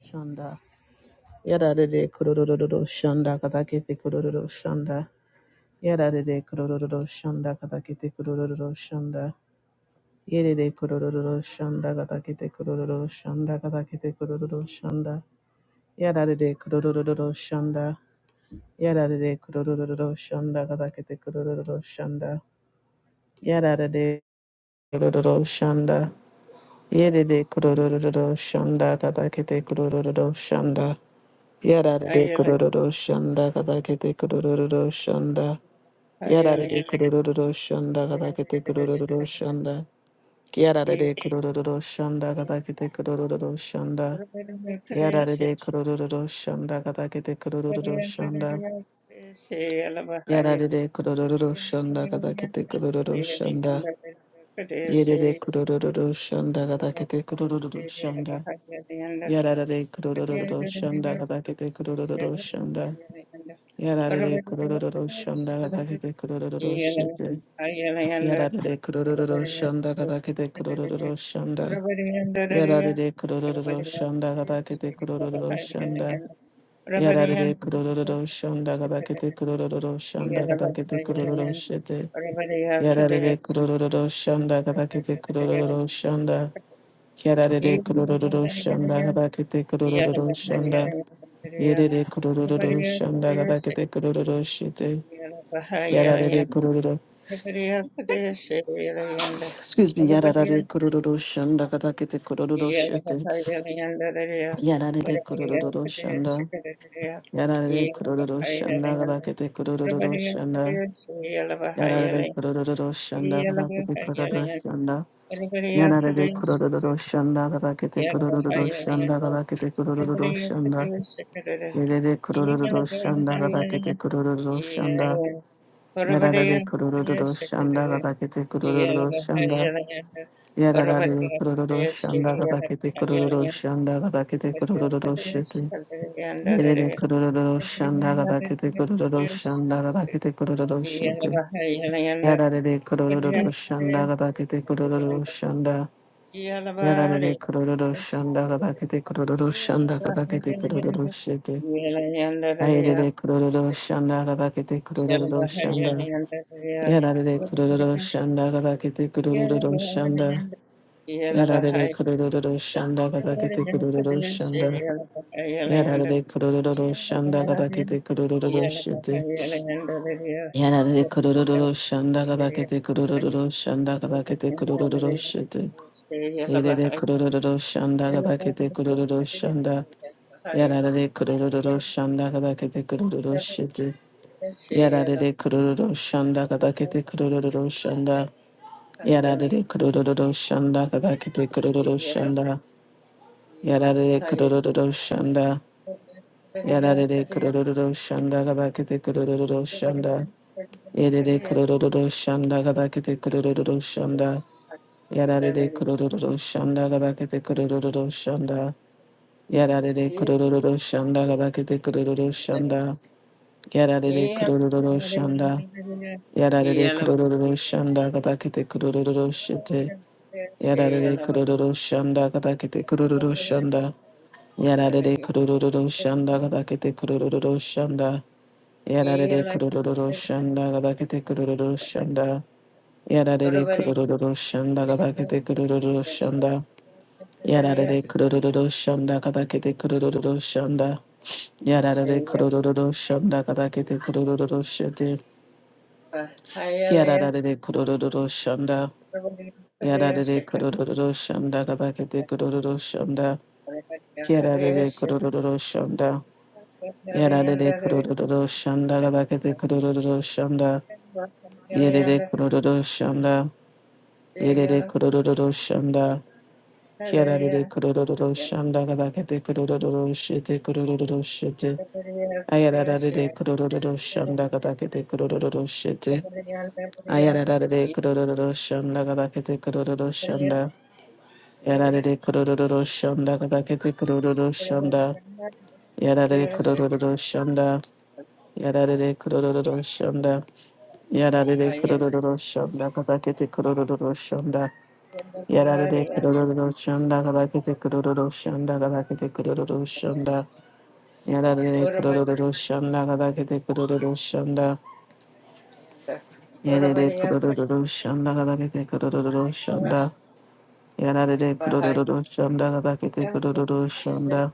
Shonda. Yadadade kudodododo shonda katakete kudododo shonda. de kudododo shonda katakete kudododo shonda. de kudododo shonda katakete kudododo shonda katakete kudododo shonda. Yadadade kudododo shonda. Yadadade kudododo shonda katakete kudododo de Yadadade kudododo shonda. Yedede kudododo shonda katakete kudododo shonda. Yarare Hallelujah. kururu shanda kada kete kururu shanda. Yarare kururu shanda kada kete kururu shanda. Yarare kururu shanda kada kete kururu shanda. Yarare kururu shanda kada kete kururu shanda. Yarare kururu shanda kada kete kururu shanda. Yerere kururu shanda kada kete kururu shanda. Yarare kururu shanda kada kete kururu shanda. やられでくるるるるしょんだがだけでくるるるるしてやられでくるるるる Everybody しょんだがだけでくるるるるしょんだやられでくるるるるしょんだがだけ else, でくるるるるしょんだやられでくるるるるしょんだがだけでくるるるるしょんだがだけでくるるるしてやられでくるるるるしょんだがだけでくるるるるしょんだやられでくるるるるしょんだがだけでくるるるるしょんだやれでくるるるるしょんだがだけでくるるるして Yarare kururu. Excuse me, yarare kururu shanda katakete kururu Yeah. shete. Yarare kururu shanda. Yarare kururu shanda katakete kururu shanda. Yarare kururu shanda katakete kururu shanda. Yarare kururu shanda katakete kururu shanda katakete kururu shanda. Yarare kururu shanda katakete kururu shanda. Yarare kururu shanda katakete kururu shanda. Yararare kororo shandara dakete kororo shandara dakete Yellow, kororo shete. Yerere kororo shandara dakete kororo shandara dakete kororo shete. Yararare kororo shandara dakete kororo shanda. Yararare kororo shandara dakete kororo shandara dakete kororo shete. Ayerere kororo shandara dakete kororo shanda. Yararare kororo shandara dakete kororo shanda. Yarare kurururu şanda gada kete kurururu şanda. Yarare Yeah. kurururu şanda gada kete kurururu şete. Yarare kurururu şanda gada kete kurururu şanda gada kete kurururu şete. Yarare kurururu şanda gada kete kurururu şanda. Yarare kurururu şanda gada kete kurururu şete. Yarare kurururu şanda gada kete kurururu şanda. Yarare kurururu şanda gada kete kurururu şanda. Yarare kurururu şanda. Yarare kurururu şanda kadakete kurururu şanda. Yerere kurururu şanda kadakete kurururu şanda. Yarare kurururu şanda kadakete kurururu şanda. Yarare kurururu şanda kadakete kurururu şanda. Yarare Yeah. kurururu şanda. Yarare kurururu şanda kadakete kurururu şete. Yarare kurururu şanda kadakete kurururu şanda. Yararere kurururu şanda gadakete kurururu şanda. Yararere kurururu şanda gadakete kurururu şanda. Yararere kurururu şanda gadakete kurururu şanda. Yararere kurururu şanda gadakete kurururu şanda. Yararere kurururu şanda gadakete kurururu şanda. Yararere kurururu şanda. Yararere kurururu şanda gadakete kurururu şanda. Yararere kurururu şanda. Yararere kurururu şanda rabakete kurururu şanda Ora yerere kurururu şanda yerere kurururu şanda bariya yararere kurururu şanda rabakete kurururu şete kurururu şete ayararere kurururu şanda rabakete kurururu şete ayararere kurururu şanda rabakete kurururu şanda kudiyala yararere kurururu şanda rabakete kurururu şanda yararere kurururu şanda yararere kurururu şanda やられでくるるるるしょんだかだけてくるるるるしょんだ。やられでくるるるるしょんだかだけてくるるるしょんだかだけてくるるるしょんだ。やられでくるるるるしょんだかだけてくるるるしょんだ。やられでくるるるるしょんだかだけてくるるるしょんだ。やられでくるるるるしょんだかだけてくるるるしょんだ。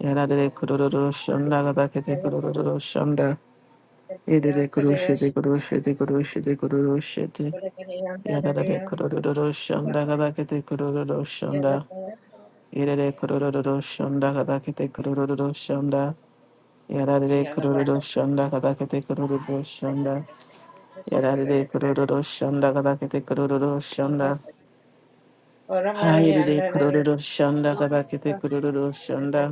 やられでくるるるるしょんだかだけてくるるるしょんだ。やられでくるしでくるしでくるしでくるしで。やられでくるるるるしゅんだがだけてくるるるしゅんだ。入れでくるるるるしゅんだがだけてくるるるるしゅんだ。やられでくるるるしゅんだがだけてくるるるしょんだ。やられでくるるるしゅんだがだけてくるるるしょんだ。入れでくるるるしゅんだがだけてくるるるしょんだ。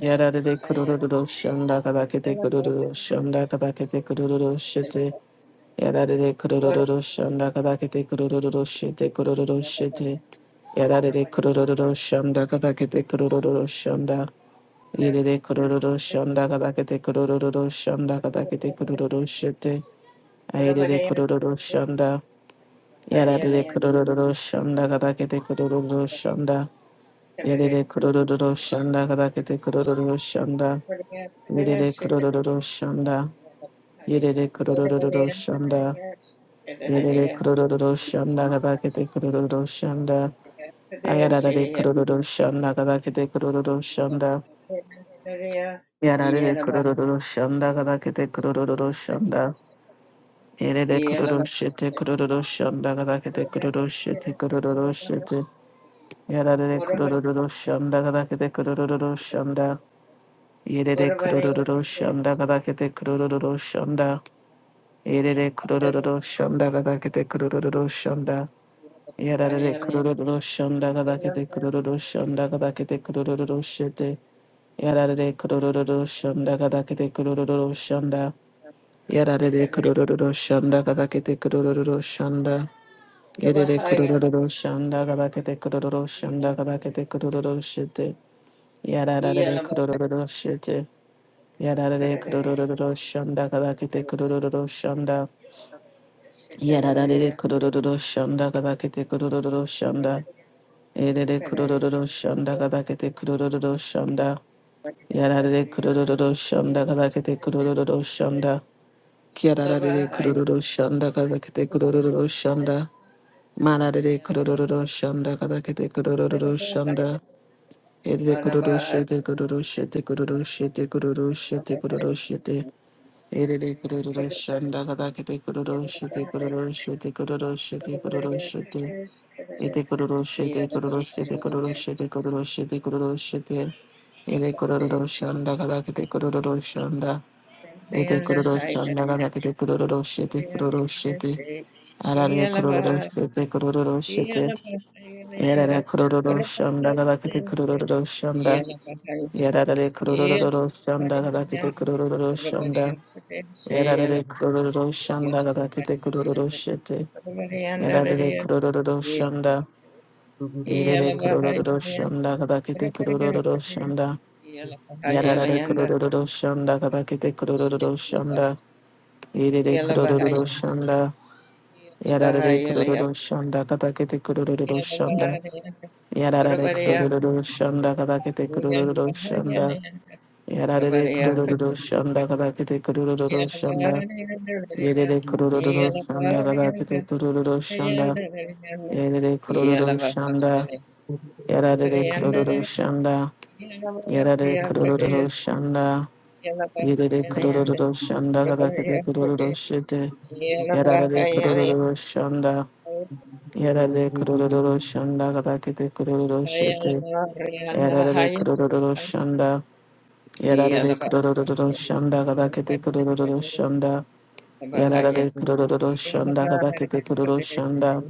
やられでくるるるるしゅんだがだけてくるるるしょんだがだけてくるるるして。やられでくるるるるしゅんだがだけてくるるるしてくるるるして。やられでくるるるるしゃんだかだけてくるるるるしゃんだ。い Yeah. れでくるる Yeah. るしゃんだかだけてくるるるるしゃんだかだけてくるるるして。あいれでくるるるしゃんだ。やられでくるるるるしゃんだかだけてくるるるるしゃんだ。いれでくるるるるしゃんだかだけてくるるるるしゃんだ。いれでくるるるるしゃんだ。いれでくるるるるしゃんだ。いれでくるるるるしゃんだかだけてくるるるるしゃんだ。あやられでくるるるしゃんだかだけてくるるるしゃんだ。やられるクロロロロシャンダがだけてクロロロロシャンダ。やれれクロロシェテクロロロシャンダがだけてクロロシェテクロロロシェテ。やられれクロロロロシャンダがだけてクロロロロシャンダ。やれ What れク about ロ it? ロロロシャンダ Yes, がだけてクロロロロシャンダ。や and れれクロ what ロロ about it? ロシャンダがだけてクロロロロシャンダ。やら I れるクロ am ロロロシャンダがだけてクロロロシャンダがだけてクロロロロシェテ。やられれクロロロロシャンダがだけてクロロロロシャンダ。やられでクルルルルドションダーカザカティクルルルドションダーゆりりクルルルドションダーカザカティクルルルドシューチやらられクルルルドシューチやられクルルルドションダーカザカティクルルドロションダーやらられクルルルドションダーカザカティクルルルドションダーイりりクルルルドシュネダーカザカティクルルルドシュン�ダーやられクルルルドシュンダーカザカティクルルルドシュンダーキアララレレク the ロロロシャンダカザケ Yeah, Alibaba. Alibaba. Yeah, Alibaba. Yeah, Alibaba. Yeah, Alibaba. Yeah, Alibaba. Yeah, Alibaba. Yeah, Alibaba. Yeah, Alibaba. Yeah, テクロロロロシャンダマラレレクロロロロシャンダカザケテクロロロロシャンダエレクロロシェテクロロシェテクロロシェテクロロシェテクロロシェテエレレクロロロシャンダカザケテクロロシェテクロロシェテクロロシェテクロロシェテエテクロロシェテクロロシェテクロロシェテクロロシェテクロロシェテエレクロロロシャンダカザケテクロロシャンダエテクロ Alibaba. ロシャンダガダケテクロロロシェテクロロシェテアラレクロロロシェテクロロロシェテエララクロロロシャンダガダケテクロロロシャンダ Yeah, Alibaba. Yeah, ヤラレクロロ Alibaba. ロロシャンダガダケテクロロロシャンダヤラレクロロロシャンダガダケテクロロロシェテヤラレクロロロシャンダ Thank イレレクロロロシャンダガダケテクロロロシャンダヤラレクロロロシャンダガダケテクロロロシャンダ Irere kurururu Yeah. şanda. Yararare kurururu şanda. Katakete kurururu şanda. Yararare kurururu şanda. Katakete kurururu şanda. Yararare kurururu şanda. Katakete kurururu şanda. Yerere kurururu şanda. Katakete kurururu şanda. Yerere kurururu şanda. Yararare Variandere kurururu şanda. yelava Yararare kurururu yakades şanda. yelava Yerere yeland kurururu şanda kadakete yakade kurururu şete. yelava Yararare yeland kurururu şanda. Yararare kurururu şanda kadakete kurururu şete. yelava varianda Yararare haya kurururu şanda. Yararare yelava kurururu şanda kadakete kurururu yelava şanda. haya Yararare kurururu yelava şanda kadakete kurururu yakades şanda.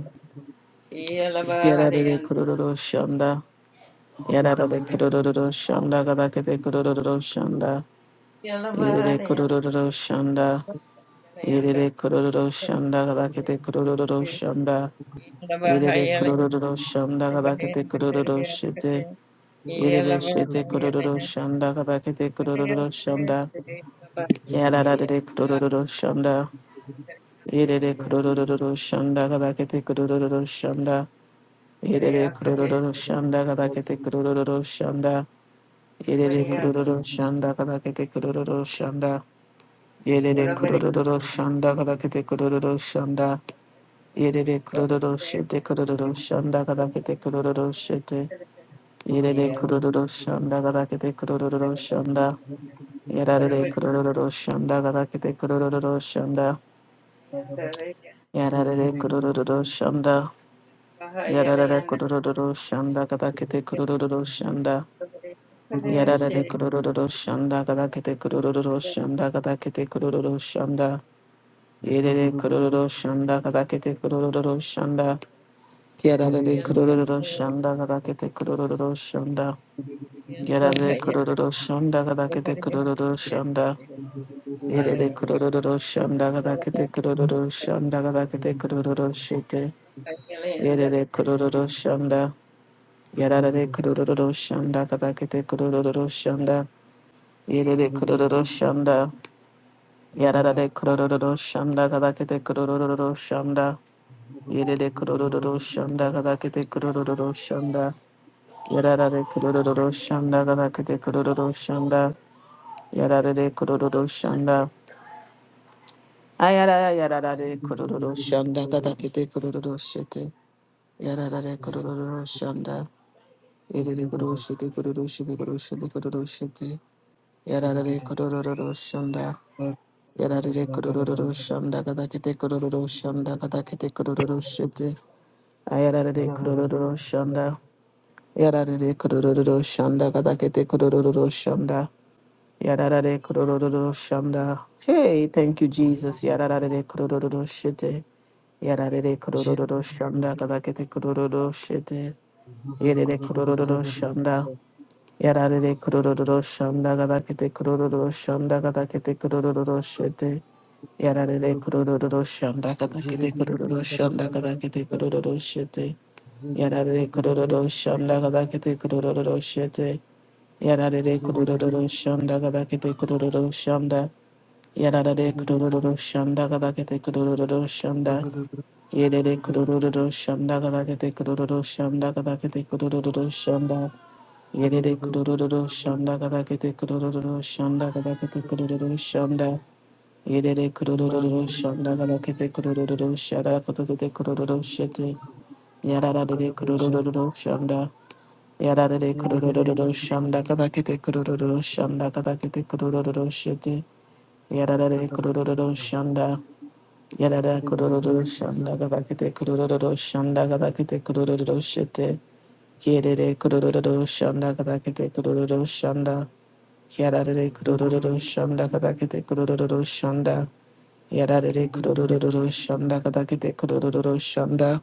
yelava Yararare varianda kurururu şanda. Yararare kurururu şanda kadakete kurururu şanda. yelava Yerere yeland kurururu şanda. Yedede kurururu shanda gadakete kurururu shanda. Yedede kurururu shanda yelava gadakete kurururu shete. yeland Yeah. Yedede shete kurururu shanda gadakete kurururu shanda. you. Yadadadede kurururu shanda. Zulu Yedede kurururu shanda t e k u r u s s h a n d h r u s h a n d k d e d e d e イレレクロロロシェテクロロロシャンダガダケテクロロロシェテイレレクロロロシャンダガダケテクロロロシャンダやられれクロロロシャンダガダケテクロロロシャンダやられれクロロロシャンダやられれクロロロシャンダガダケテクロロロシャンダやられれクロロロシャンダガダケテクロロロシャンダガダケテクロロロシャンダイレレクロロロシャンダガダケテクロロロシャンダやられでくるるるるしゃんだがだけてくるるるるしゃんだ。やられでくるるるしゃんだがだけてくるるるしゃんだ。やれでくるるるるしゃんだがだけてくるるるしゃんだがだけてくるるるしてや Yeah. れでくるるるしゃんだ。やられでくるるるるしゃんだがだけてくるるるるしゃんだ。やれでくるるるしゃんだ。Ziggy やられでくるるるるしゃんだがだけてくるるるるしゃんだ。やれでくるるるるしゃんだがだけてくるるるるしゃんだ。やられでくるるるるしゃんだがだけでくるるるしゃんだ。やられでくるるるしゃんだ。あやらやららでくるるるしゃんだがだけでくるるるしてやられくるるるしゃんだ。えれれくるしてくるるしてくるしてくるるしてやられくるるるしゃんだ。やられくるるるしゃんだがだけでくるるるしゃんだがだけでくるるるしてあやられくるるるしゃんだ。やられくるるるしゃんだがだけでくるるるしゃんだ。Yadadade kudodododo shanda. Hey, thank you, Jesus. Yadadade kudodododo shite. Yadadade kudodododo shanda. Kadakete kudodododo shite. Yadadade kudodododo shanda. Yadadade kudodododo shanda. Kadakete kudodododo shanda. Kadakete kudodododo shite. Yadadade kudodododo shanda. Kadakete kudodododo shanda. Kadakete kudodododo shite. Yadadade kudodododo shanda. Kadakete kudodododo shite. Yadadade kudodododo shanda. Kadakete kudodododo shanda. やられれくるるるるしゃんだがだけてくるるるるしゃんだ。やれれくるるるるしゃんだがだけてくるるるしゃんだがだけてくるるるるしゃんだ。やれれくるるるるしゃんだがだけてくるるるるしゃんだがだけてくるるるるしゃんだ。やれでくるるる Man, るしゃんだがだけてくるるるるしゃらことでてくるるるしゃて。やられれくるるるるしゃんだ。やられれくるるるるしゃんだがだけてくるるるるしゃんだがだけてくるるるるしゃて。やられれくるるるるしゃんだ。やららくるるるしゃんだがだ、黒々々々、シャンダー、ガタケテ、黒々々々、シャンダー、ガタケテ、黒々々々、シェテ、キエデレ、黒々々々、シャンダー、ガタケテ、黒々々々、シャンダー、キアダレレ、黒々々々、シャンダー、ガタケテ、黒々々々、シャンダー、キアダレレ、黒々々々、シャンダー、ガタケテ、黒々々々、シャンダー、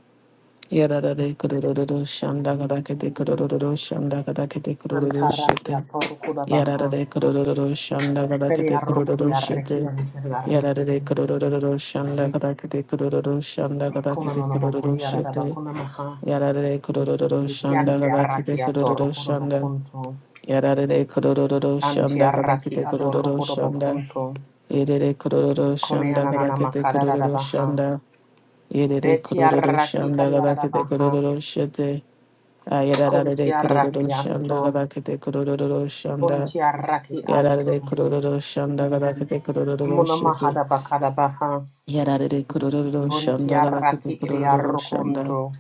キアダレレ、黒々々々、シャンダー、ガタケテ、黒々々々、シャンダー、ガタケテ、黒々々々、Antara シェ ya テ、torkuda キアダ baha. レレ、黒々々々、シャンダー、ガタケ Feri テ、黒々々 arrokudi 々、シェテ。arreki anteri arreki Yararere enti. kurururu şanda Zig kadar kete kurururu şanda kadar Kono kete no nomo kurururu arada şete. bakuna maha. Yararere kurururu şanda Kianti kadar arraki kete kurururu atorkuda şanda. bakunto. Yararere kurururu Anti şanda kadar arraki kete kurururu adorkuda şanda. bakunto. Yerere kurururu Kone şanda kadar ananana kete makara da kurururu baha. şanda. Yerere Beti kurururu arraki şanda ariara kadar da kete baha. kurururu şete. Kunti Yararere kurururu arraki şanda anto. kadar kete kurururu şanda. Kunti arraki anto. Yararere kurururu şanda kadar kete kurururu Muna şete. maha da bakada baha. やられでくるるるるしゃん Kunti だがだけて arraki くる iri るるるしゃんだ。arrokonto.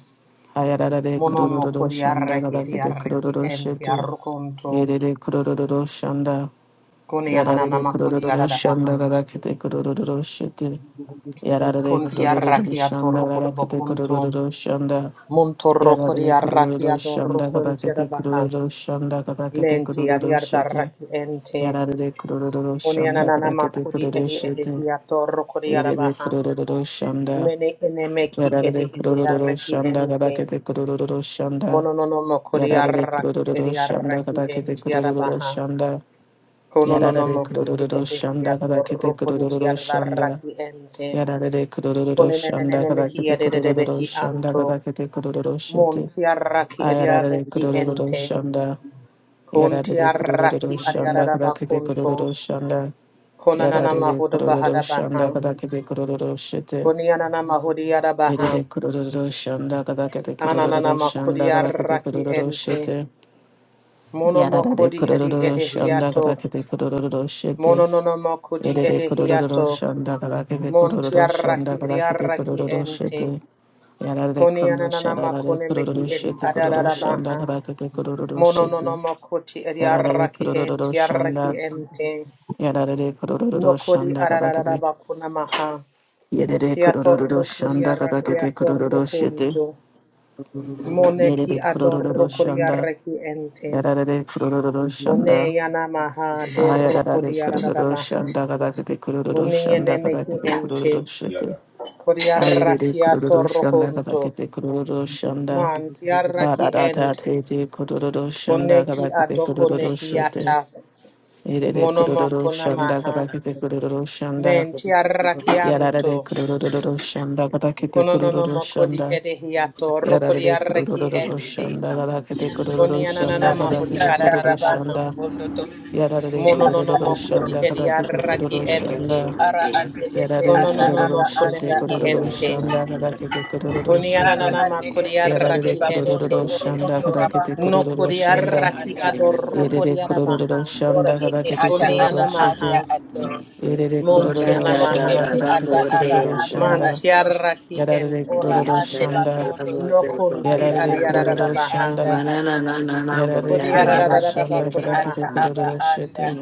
はやられでくるる Monomo るるしゃんだが kodiarreki だけてくるる ediarreki るし enti て arrokonto. やれでくるるるるしゃんだ。Kuni やられで ananama くるるるるしゃん kodiaradabaha. だがだけてくるるるるしてやられでく Kunti るるるる arraki しゃんだがだけてくる atorrokodobokonto. るるるしゃんだ。や Montorro られでくるるる kodiarraki るしゃんだがだ adorrokonti けてくる adabaha. るるるしゃんだがだけてくる Menti るるして adiardarraki ente. やられでくるるるるしゃ Kuni んだがだけ ananama てくる kodi るる edi して edehi やれで atorrokodiarabaha. くるるるるしゃんだ。Mene enemeki Yararere edi kurururu ediarreki şanda ente. kadakete kurururu şanda. Monononomo Yararere kodiarraki kurururu şanda ediarreki kadakete enti kurururu adabaha. şanda. Kono no no Yararere mokuti kurururu şanda edehiato kadakete rukunti kurururu şanda. adarraki ente. Yararere kurururu şanda Konenenene mehi kadakete kurururu ededebeki şanda anto. kadakete kurururu şete. Monti arraki Ayararere ediarraki kurururu ente. şanda. Konti Yararere arraki kurururu şanda adiaraba kadakete konto. kurururu şanda. Konanana Yararere mahuda kurururu bahada baha. şanda kadakete kurururu şete. Konianana mahudi yadabaha. Yedede kurururu s a n d a kada kete Ananana kurururu s Thank a n d makudi a kada kete arraki kurururu s e t ente. e Mono Yarada de mokudi edi kurururu s a n d a edehiato. kada kete kurururu s e t e Mono no no mokudi Yedede kurururu edehiato. s a n d a kada kete Monti kurururu s a n d arraki a kada kete ediarraki kurururu s e t e ente. Yarada de Koni kundu anana shadada de makone meki kurururu s e edi t e kururu adarara shanda baha. kada kete kurururu s Mono e no t e no makoti edi Yarada de arraki kurururu enti s a n d a arraki enti. Yarada de kurururu s a Nokodi n d a kada adarara kete. bakuna maha. Yedede Kiatorro kurururu s a n kodi d a kada arraki kete atorro kurururu s e t e kuntu. Moneki Yedede adorro kurururu s a kodi n d a arraki enti. Yararare kurururu One şanda. yana maha dorro Ayararare kodi adarara kurururu baha. şanda kadakete kurururu One şanda yene meki kadakete enti. kurururu şete. Kodi Ayarare arraki kurururu atorro şanda kuntu. kadakete kurururu şanda. Man ki arraki Kararata enti. tete kurururu şanda Koneki kadakete adoko kurururu şete. nehiata. Erere kurururu Monomoko şanda namaha. kadakete kurururu şanda. Menti Yararare arrakianto. kurururu şanda kadakete kurururu Kononomoko di şanda. edehiato. Roko di Yararare arraki kurururu ente. şanda kadakete kurururu şanda Ate Koniananamaho di kadakete tanda kurururu rabando adadadabaha. şanda. ribondo Yarare ete anda kororo Mononomoko ato. di shanda edi kada kete kororo arraki ente. shanda. Ara ate ete Yarare ata kororo aba Kononomoko shete anda nemehi kororo ato. ente. shanda kada kete kororo Ara shete. ate Koniananamako di ete ende Yarare arraki bakondo ente. kororo shanda orobondo kada kete rabando Noko rubo kororo di sende shanda. arraki anda ato. adoroko Yerere di kororo adabaha. Ore shanda kada ete kete ata kororo aba Konianamaha. anda shete. ato. Yerere Mana kororo da Ore da shanda Montianamaha. da, ete kada ata kete nambo aba kororo anda de Man shanda. ato. tiaraki Yarare ende. Thank Ora kororo ande shanda. bakondo No ribondo kunti anda Yarare ate kororo ete adiadadabaha. anda shanda. ato. Yarare Kodi Ara kororo ate shanda ete kada ata kete adadadadabakunamaha. aba kororo anda shete.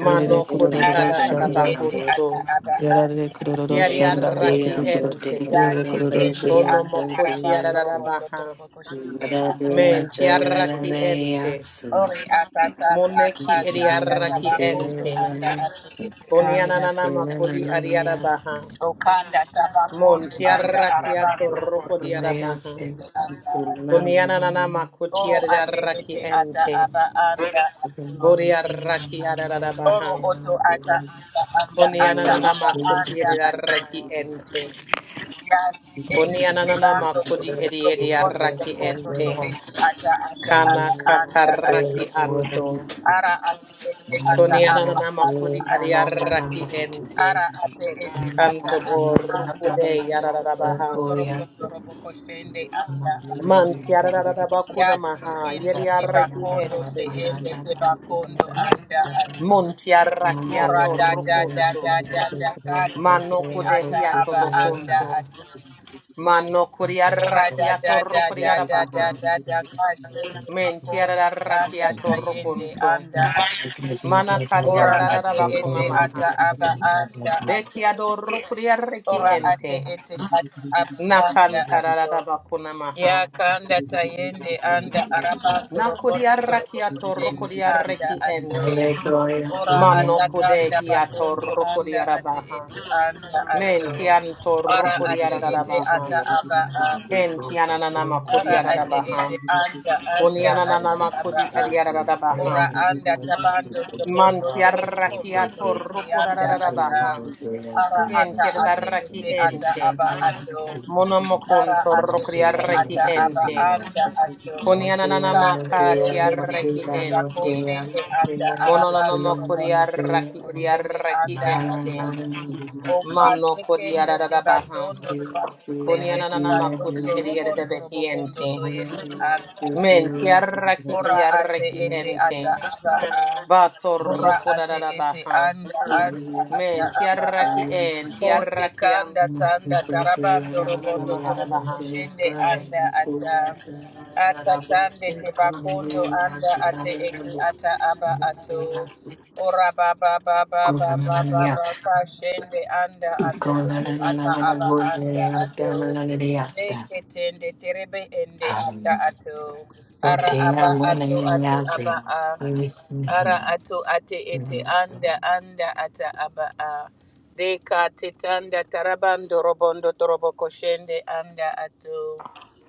Yerere kodi ara kororo ati shanda. ete ata adadadabakunto. aba Yarare anda kororo ato shanda gada kete Tiaraki kororo. ente. Yarare dati kororo shi. ende Kono anda mokoti arabando robondo adadadabaha. torobo koshinde anda Men ato tiaraki ente. ori ata ta ta ta Moneki tanda ediaraki tabakondo ente. anda ati ete Koni anda ananama kodi adiadabaha. okanda Mon tabakondo anda tiaraki arabando atoroko robondo torobo diadabaha. koshinde anda ato Koni you. koti oro ate adiaraki ete ata ente. aba anda Thank ato Boriaraki oro ararabaha. oto ata anda anda ata Konianana aba makoti anda ato ediaraki ente. ende Konianana kondo makodi you. ediaraki ente. Kana kataraki anto. Konianana makodi ediaraki ente. you. Kanto do rukude otondo yararabaha. torobo torobo koshende anda Thank ando. Manti ararabakuna Yati maha ende te yediaraki bakondo te ente. ende te bakondo anda ando. Monti Ora arrakiato da da da rukunto. da da da kati Mano iti ata kudehiato aba anda bokunto. ato. Mano Ora da Alleluia. kuriarakiato da da da da da rokuriarabaha. da da kashina akonda anda Mentiararakiato tayende rokunto. anda Mana ora ate kariarararabakuna ete ata maha. aba anda ato Betiado rokuriaraki ora ate ente. ete ata aba anda Amen. ato Nakantararabakuna maha. ya kanda tayende anda araba you. torobondo torobondo Nakuriarakiato tende anda rokuriaraki ato ente. ora Mano ata kanda kudehiato bakondo anda ate rokuriarabaha. ete anda ato Mentianto ora ate ete rokuriarabaha. ata aba Kentianananama Ara ate kuriarabaha. ete anda anda Thank anda Kunianananama aba a. Ora kuriarabaha. anda tabando tobondo Mantiaraki torobokondo toyete atorruku anda ata. rararabaha. Ara Kien ata ate tiedarraki ete ata ente. aba ato. Monomokun Ara ate ete Thank torrukriarraki ata aba ente. anda ato. Kate Koniananamaka ende tende tiarraki te bako ente. tende anda arabando robondo robo Mononomokuriarraki tende riaraki anda ato. ente. O Mano kate kende te kodiararabaha. batondo robo tende te Koniananamakudi batondo robondo robo eriaredebehi kondo ente. to yende anda. you. Mentiarraki Ora ate riarraki ete ente. ata Hallelujah. aba a. Ora Batorruku ate ete rararabaha. anda anda ata Men aba a. tiaraki en Ko te tiaraki kanda anto. tanda tarabando Yanana robondo mahara torobo baha. koshende anda ata. Ata tande te bakondo anda ate ete ata aba ato. Ora baba baba baba baba ba kashende anda ate ete ata aba anda ato. Eketende terebe ende ata ato. Ara aba ato ate aba a. Ara ato ate ete anda anda ata aba a. Deka titanda tarabando robondo torobo koshende anda ato.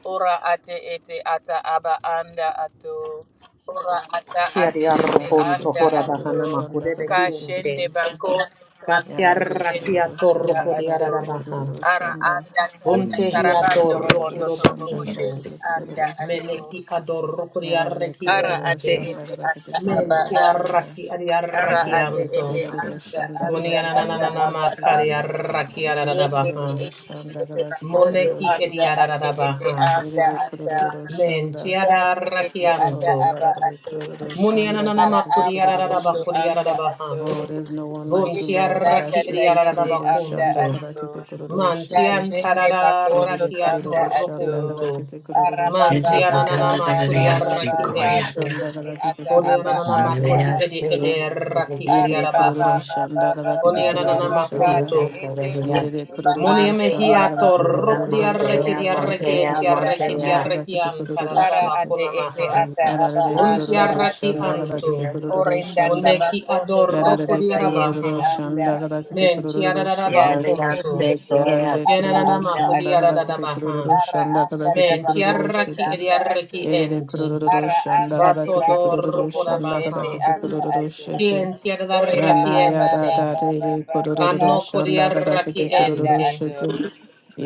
Ora ate ete ata aba anda ato. Ora ata ate Kiari ete Yarara arrokonto shete anda hora kororo bahana ato. shanda makude kadar kete kororo behiente. Kashende bako shete. tanda Yarare Batiaraki kashende kororo anda shanda atorroko di gada kete ato. ararabaha. kororo Ara shanda. anda tanda Bunte hi Yarare tarabando kororo atorroko robondo do torobo shanda gada bakunto. Yes. koshende kete anda kororo shete. ato. Meneki adorroko di Yarare arreki Ara kororo ate ente. shanda ete gada ata kete Men aba kororo a. shanda. tiaraki adi Sequoia, Ara arraki ate Yarare ete anto. kororo anda shanda Kuni gada anda kete ata yanana kororo aba a. shete. makari arraki Yarare Yende ararabaha. te kororo ete ete shanda te gada kete bakondo kororo Moneki edi anda shete. ate ete ararabaha. anda Yarare ata. kororo Men shanda. tiada Yate ete Ye- ata Oh, rakianto. aba yada da de ato. kudududu shanda Munianana kada Ara kete aba kudududu makuriarada ondo shete. anda bakuriarada baha. ato. Oh, there's no one Bun like Yete you, Lord. Ada tanda tiaraki shete tayende kudududu anda shanda bakunto. kada ato. kete kudududu Man shete. tian Kashende Yede bakondo de rakiato tanda kudududu ato shanda kada rokunto. kete kudududu araba Man baba shete. baba tianana Yada baba de makuriaraki kudududu baba ente. shanda ete kada kete ata aba kudududu Kunianana shete. anda makuri edi ato ede raki Yede ari de iriarada baba baha. kudududu baba shanda kada baba kete Kunianana kudududu baba shanda. kate makunto. ete Yede ete de roba kudududu ando shanda kada Muniamehiato arabando kete robondo kudududu trobo rokriaraki shanda kada iriaraki kushende kete kudududu anda entiaraki ato shanda kada tiaraki kete kudududu antarada Ara shete. ate bakuna ete maha. ata Yada aba de Kunti anda kudududu arraki ato. shanda kada anto. kete kudududu Orenda shanda. Kuneki tabakondo adorro tanda Yararere kudi tayende arabaha. kurururu anda şanda kadar ato. kete Menti kurururu aradadaba şete. Yati kunto. ende te ende Yararere ata Yenanana kurururu anda mahudi şanda kadar ato. kete aradadabaha. kurururu Ara şanda anda kadar kete Menti kurururu tabakondo arraki şete. edi tanda arraki ato. Erere enti. kurururu Ara şanda anda kadar te Bato kete bando dorro kurururu kuroboko şanda kudabaha. kadar shende kete anda kurururu ato. şete. Kienti Ore aradarraki Yana baba enti. baba baba yararere baba Kanno kurururu kate kudi şanda ete kadar arraki ende kete anda kurururu enti. şete. ato.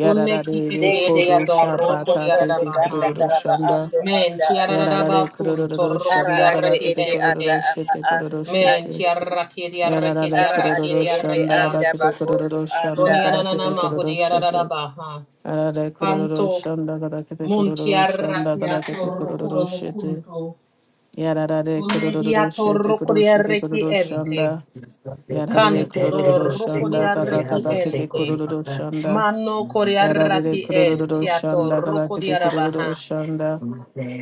Kuneki edi Dende edi kuru adorro tikagondo kudi şabata tondo tete tanda aradabaha. kurururu taraba şanda. ando Men anda ateo. tiarararaba Yararere kun kurururu torruku Ara şanda ate kadar diarreki kete ete ente. ata kurururu aba şete kurururu anda Men şete. ateo. tiarraki やら diarreki れ Ara くるる diarreki ate るしゃ ete ん diarreki だがだ anda け antu. てくるる bagondo るしゃん anda だ Oni がだけて ateo. く anananama るるして。hudiarararaba ha. やられくるるる Kanto しゃんだがだけてく mun るるるしゃんだ tiarraki が a だけてくる torruku るる robo して。kunto. やられく Une るるる hia してく torruku るしてくる diarreki るしゃん ente. だ。やられく Kanto るるるしゃ dorruku んだがだ diarreki がだけてく ente. るるるしゃんだ。Mano kori やられ araki くるるる en しゃん tiato だがだ roko け di てくるる arabaha. るしゃん Sylvia, だ。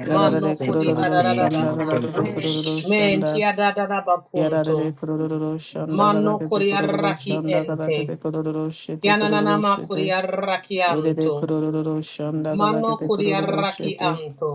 やら Mano れく kodi るるるしゃんだがだ ararabaha. けてくるるるしゃんだ。Menti adadada Yarare bakunto. kororo shanda gada Mano kete kororo kuriaraki shanda gada ente. kete kororo shete kororo Yanananama shete. kuriaraki Yerere anto. kororo shanda gada Mano kete kororo kuriaraki shete. anto.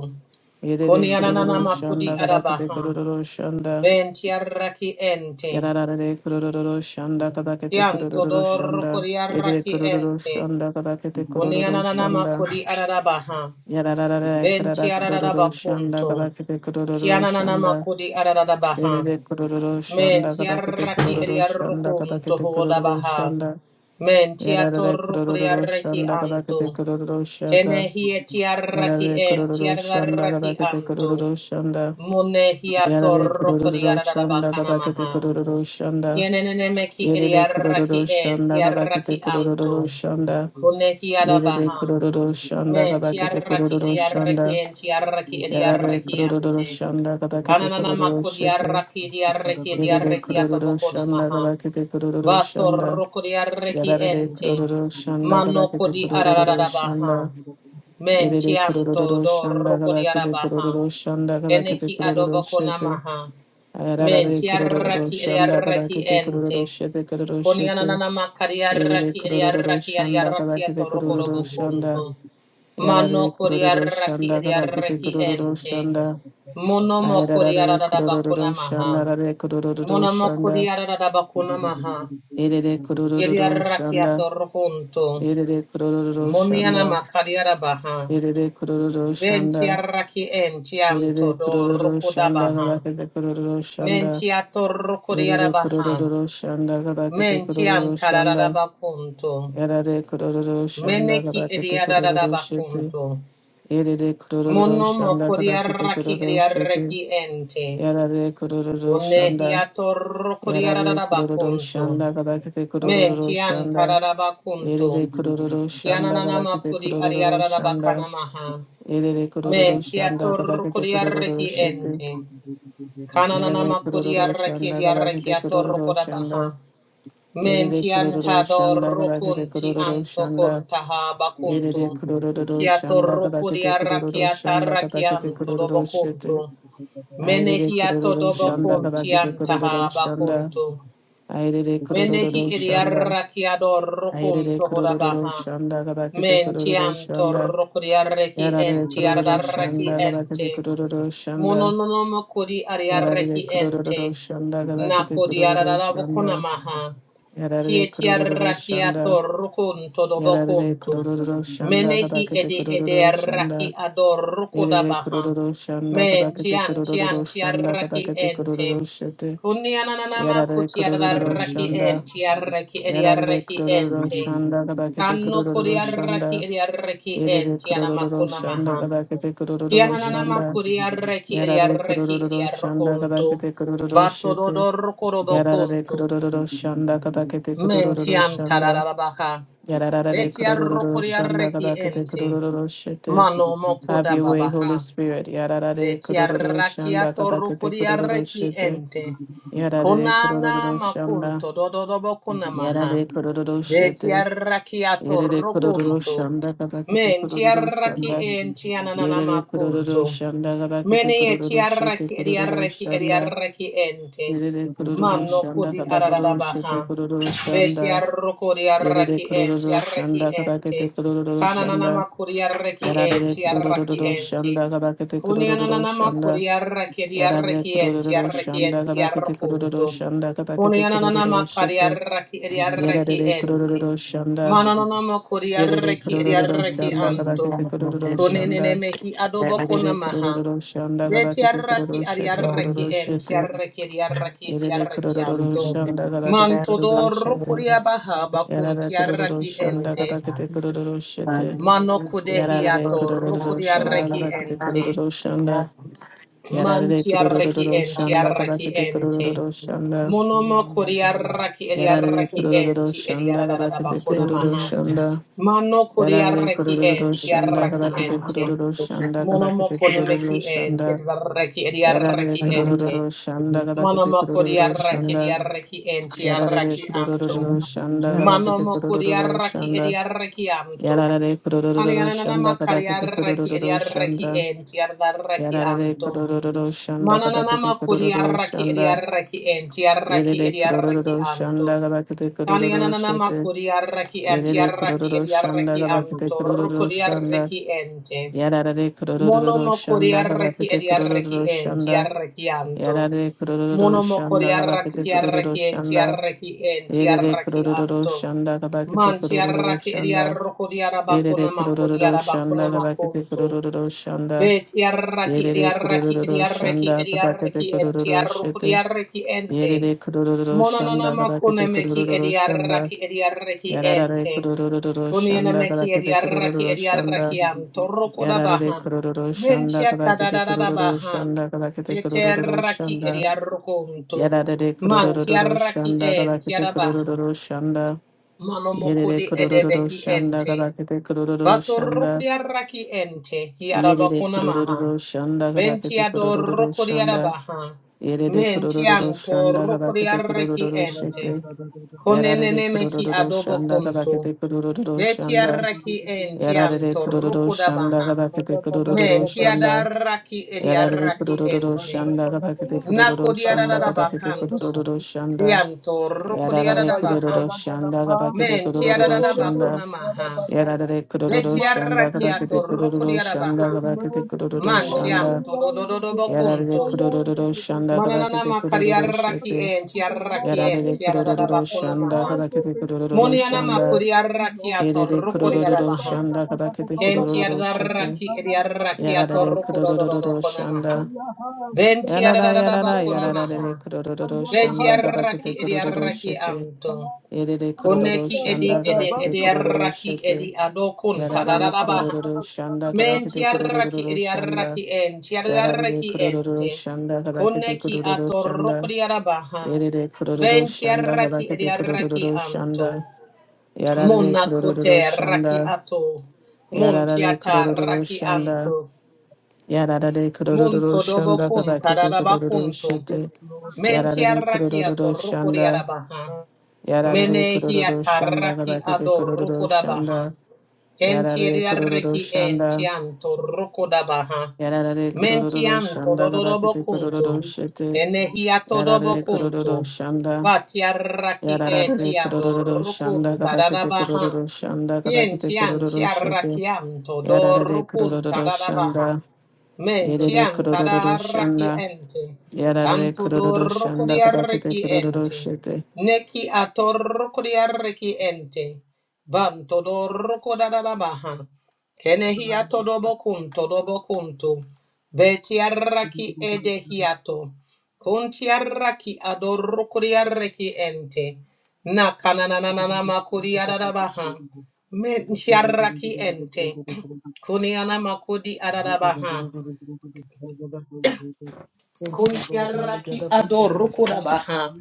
Yerere kororo Kuniananama kudi shanda gada kete arabaha. kororo shanda. Benti araki ente. Yarare kororo shanda gada kete Kianto kororo dor shanda. Yerere kuriaraki kororo ente. shanda gada kete kororo Kuniananama shanda. kudi arabaha. Yarare karara Benti kororo shanda ararabakunto. gada you. kete kororo Kianananama shanda. kudi ararabaha. Yerere kororo shanda Menti gada kete araki kororo shanda gada eriarukunto kete kororo hodabaha. shanda. Men tia Yarare torrukuri kororo arreki şanda antu. kadakete kororo şanda. Kene hie tia raki Yarare en tia kororo şanda raki kadakete antu. kororo şanda. Mune hia Yarare torrukuri kororo şanda ararabakana kadakete maha. kororo şanda. Yenene meki iri Yerere kororo arraki en şanda tia raki kadakete antu. kororo şanda. Kune hia Yerere rabaha. kororo şanda Men tia kadakete raki kororo iri arreki şanda. en tia raki iri Yarare arreki kororo ante. şanda kadakete Ananana kororo makuri şete. arraki iri arreki iri Yerere arreki kororo atobokona şanda maha. kadakete kororo Vato şanda. rokodi arreki Yarare ente. kororo şanda Mano kadakete kodi Thank kororo arararabaha. şanda. Erere Mentianto kororo do shanda rokodi kadakete arabaha. kororo shanda kadakete Eneki kororo adoboko shete. namaha. Ayararare Menti kororo arraki eri shanda arraki kadakete kororo ente. shete kororo Koni shete. ananama kari Erere arraki eri kororo arraki eri shanda arraki kadakete ato kororo shanda. rokodobokunto. Mano Yarare kodi kororo arraki shanda eri kadakete arraki kororo ente. shanda. Mono mokori Ayararare arararabakuna kororo maha. shanda rare kororo Mono mokori shanda. arararabakuna Erere kororo Yediaraki shanda. atorokuntu. Erere kororo Moniana shanda. makariara baha. Erere kororo Venti shanda. arraki enti Yerere anto do kurororo rokoda şanda baha. kadakete kurororo şanda. Mentiato rokodiara Yerere baha. kurororo şanda kadakete menti kurororo Mentiantarada şanda. bakuntu. Yerere kurororo şanda Meneki kadakete ediada kurororo şete. bakuntu. Yerere kurororo Mono şanda kadakete mokodiaraki kurororo şete. ediaraki ente. Yerere kurororo şanda. Unehiato rokodiara Yerere kurororo menti şanda kadakete kurororo şanda. Mentiantarada bakuntu. Yerere kurororo şanda Kiananana kadakete makudi kurororo ariara da şanda. bakana maha. Yerere kurororo Mentia şanda kadakete kurororo torrocodiarreki şete. ente. Yerere Kananama kururu codiarreki şanda kadar diarreki kete a kururu torrocodabaha. şanda. Yerere anto kururu şanda kadar kete dorrocunti kururu şanda. antocontaha Yerere bacuntu. kururu Kia şanda kadar kete torrocodiarreki kururu a şanda kadar kete tarrakianto kururu şete. dobocuntu. Ayrere Menehiato kururu şanda kadar dobocunti kete kururu antaha şanda. bacuntu. Ayrere Menehi kururu şanda. ediarreki a Ayrere dorrocunto kururu hodabaha. şanda kadar kete kururu Mentianto şanda. rocodiarreki Yarare enti kururu ardarreki şanda kadar kete ente. kururu şanda. Mononomo kodi Yarare ariareki you. ente. kururu şanda Thank kadar kete Nako kururu şanda. diarabokuna maha. Yarare kurururu şanda. Kietiarakiato rukunto Yarare dobokunto. kurururu şanda Menehi kadakete ede ede kurururu raki şanda. ador Yarare rukodabaha. kurururu şanda Men kadakete tian tian kurururu şanda tiaraki kadakete ente. kurururu şete. Kuniananama Yarare kurururu kutiaraki şanda. ente. Yarraki Yarare ediaraki kurururu ente. şanda kadakete Kanno kurururu kodiaraki şanda. ediaraki Yarare ente. kurururu Anamakuna şanda maha. kadakete kurururu Kianana şanda. makuri arreki eri Yarare arreki eri kurururu şanda arrokonto. kadakete kurururu Bato şete. dodor korobo Yarare konto. kurururu şanda kadakete kurururu Mentiam şanda. tararabaka. Yararara de Beti kororo arrokori shanda arreki kabaka de ente. kororo shete. Mano Have mokoda your way, babaha. Holy Spirit. Yararara de Beti kororo arraki shanda kabaka de atorokori kororo arreki shete. ente. Yararara de kororo Konana shanda. makunto dododobo Yararara kunamaha. de kororo Beti shete. arraki Yere de kororo atorrokonto. shanda kabaka de Menti kororo arraki shanda. enti ananana Yere de kororo makunto. shanda kabaka de Mene eti kororo shete arraki edi kororo arraki edi shanda. arraki ente. Yere de kororo Manno shanda kudi kabaka ararabaha. shete kororo Beti shanda. arroko di Yere de arraki enti kororo arraki shanda kabaka ente. kororo shanda. Kanananama kudi arraki Yarare enti arraki kurururu enti. şanda kadakete Kuni kurururu anananama şanda. kudi arraki edi Yarare arraki enti kurururu arraki şanda enti kadakete kurururu arrokunto. şanda Kuni kadakete anananama kurururu kadi şete. arraki edi you. arraki Yarare enti. kurururu şanda. Thank Manananama kudi Yarare arraki edi kurururu arraki şanda anto. kadakete kurururu Kuni nene şanda. mehi adobo Yarare konamaha. kurururu şanda kadakete Betiarraki kurururu şete ariarraki kurururu en şete. tiarraki ariarraki Yarare tiarraki kurururu anto. şanda kadakete kurururu Mantodor şete. kuria baha bakun Yarare kurururu tiarraki şanda ente. kadakete kurururu şete. Mano Yarare kudehiator kurururu şanda kuriarraki kadakete ente. kurururu şanda. Man Yarare tiarraki kurururu en şanda tiarraki kadakete ente. kurururu şanda. Monomo kuriarraki Yarare ediarraki kurururu enti şanda ediarada kadakete bakuna kurururu maha. şanda. Mano Yarare kuriarraki kurururu en şanda tiarraki kadakete ente. kurururu şanda Monomo kadakete konemeki kurururu en şanda. tiarraki Yarare ediarraki ente. kurururu şanda kadakete Monomo kurururu kuriarraki şanda. ediarraki en Yarare tiarraki I anto. kurururu am şanda kadakete standing Manomo kurururu kuriarraki şanda. ediarraki anto. Yarare kurururu Kanianana şanda kadakete makariarraki kurururu ediarraki şanda. en tiarraki Yarare anto. kurururu şanda kadakete Manananama kurururu kuriaraki şanda. idiaraki entiaraki Yerere idiaraki kurororo anto. şanda galakete kurororo Kaniananama şete. kuriaraki Yerere entiaraki kurororo şanda idiaraki galakete anto. kurororo şanda. Rukuriaraki ente. Yararare kurororo Monomo şanda kuriaraki galakete idiaraki kurororo şanda. entiaraki anto. Yararare kurororo Monomo şanda kuriaraki galakete kurororo diaraki şanda. entiaraki Yerere entiaraki kurororo anto. şanda galakete kurororo Mantiaraki şanda. Yerere idiarokuriarabakuna kurororo şanda galakete makuriarabakunamakunto. kurororo şanda. Ve tiarraki Yerere diarraki kurororo şanda diarreki galakete enti en kurororo tiarruku şete. diarreki ente. Yerere kurururu Mononona şanda makune kadakete meki kurururu şanda. diarraki diarreki Yararare ente. kurururu Kuniana şanda meki kadakete diarraki kurururu diarreki şanda. am torruku da Yararare baha. kurururu şanda Mentia kadakete tadadada kurururu baha. şanda kadakete kurururu Keterraki şanda. diarrukunto. Yararare Man kurururu tiarraki şanda en kadakete tiarabaha. kurururu şanda. Manomoku Yerere di kurururu edebehi şanda ente. kadakete kurururu Bato şanda. rukria raki ente, hiaraba Yerere kuna maha. kurururu şanda kadakete Bentiado kurururu rukria şanda. rabaha. Yerere kurururu Mentianto şanda rukria kadakete raki kurururu ente. şete. Yarare Konenene mehi kururu adobo şanda kunto. kadakete kururu Betia şanda. raki Yarare entianto kururu rukuda şanda baha. kadakete kururu Mentiada şanda. raki edia Yarare raki kururu ente. şanda kadakete kururu Nakodia şanda raraba kadakete kanto. kururu you. şanda. Tianto Thank rukria Yarare rabaha. kururu şanda kadakete Mentiada kururu raraba şanda. kuna maha. Yarare kururu şanda kadakete Vetiarrakiato kururu şanda rokodiarabaha. kadakete kururu Mantiam şanda. to Yarare dodododobocunto. kururu şanda Mananana kadakete kururu macariarraki şete. entiarraki Yarare kururu şanda entiarabacunamaha. kadakete kururu Moniana şanda. macuriarrakiato Erere kororo rokodiarabaha. şanda kadakete kororo şete. Kentiarraki ediarrakiato Yararere kororo şanda. rokodododobocunamaha. Yarara yarara yararere Ventiarabacunamaha. kororo şanda Vetiarraki kadakete kororo you. ediarraki şete. amto Erere Thank kororo Koneki edi şanda edi kadakete kororo ediarraki şete. edi adocunta Yararere darabaha. kororo şanda Menti kadakete arraki kororo edi şanda. arraki enti Yararere arraki kororo ente. şanda kadakete Koneki kororo atorroko şanda. di arabaha. Erere kororo Benti şanda arraki edi kadakete arraki kororo anto. şanda. Yararere kororo Monakote raki şanda. ato. Monti Yararare kurururu atarraki şanda. anto. Yararare kurururu Munto dobo şanda kunta kabakete dadaba kurururu kunto. şete. Menti Yararare arraki kurururu atorroko di şanda. arabaha. Yararare Menehi kurururu şanda atarraki kabakete adorroko kurururu dabaha. şanda. Kenti Yararare kurururu ediarreki şanda. entianto rukodabaha. Yararare kurururu Mentianto şanda kabakete dododobokunto. kurururu şete. Kenehiato Yararare dobokunto. kurururu şanda. Batiarraki Yararare etiado kurururu şanda rukunta kabakete dadabaha. kurururu şanda kabakete kurururu şete. Kientiantiarrakianto Yararare dorukunta kurururu dadabaha. şanda. Yararare Mentianta kurururu darraki şanda. ente. Yarare Canto kororo shanda kadakete dorukodiarreki kororo ente. shete. Neki atorukodiarreki ente. Bam todoroko da da da baha. Kenehia todobokun todobokuntu. Betiarraki edehiato. Kuntiarraki adorokuriarreki ente. Na kananana makuri adadabaha. Mentiarraki ente. Kuniana makudi adadabaha. you, Lord. Kuntiaraki Malagada Banda adorukuda Bragabish, baha.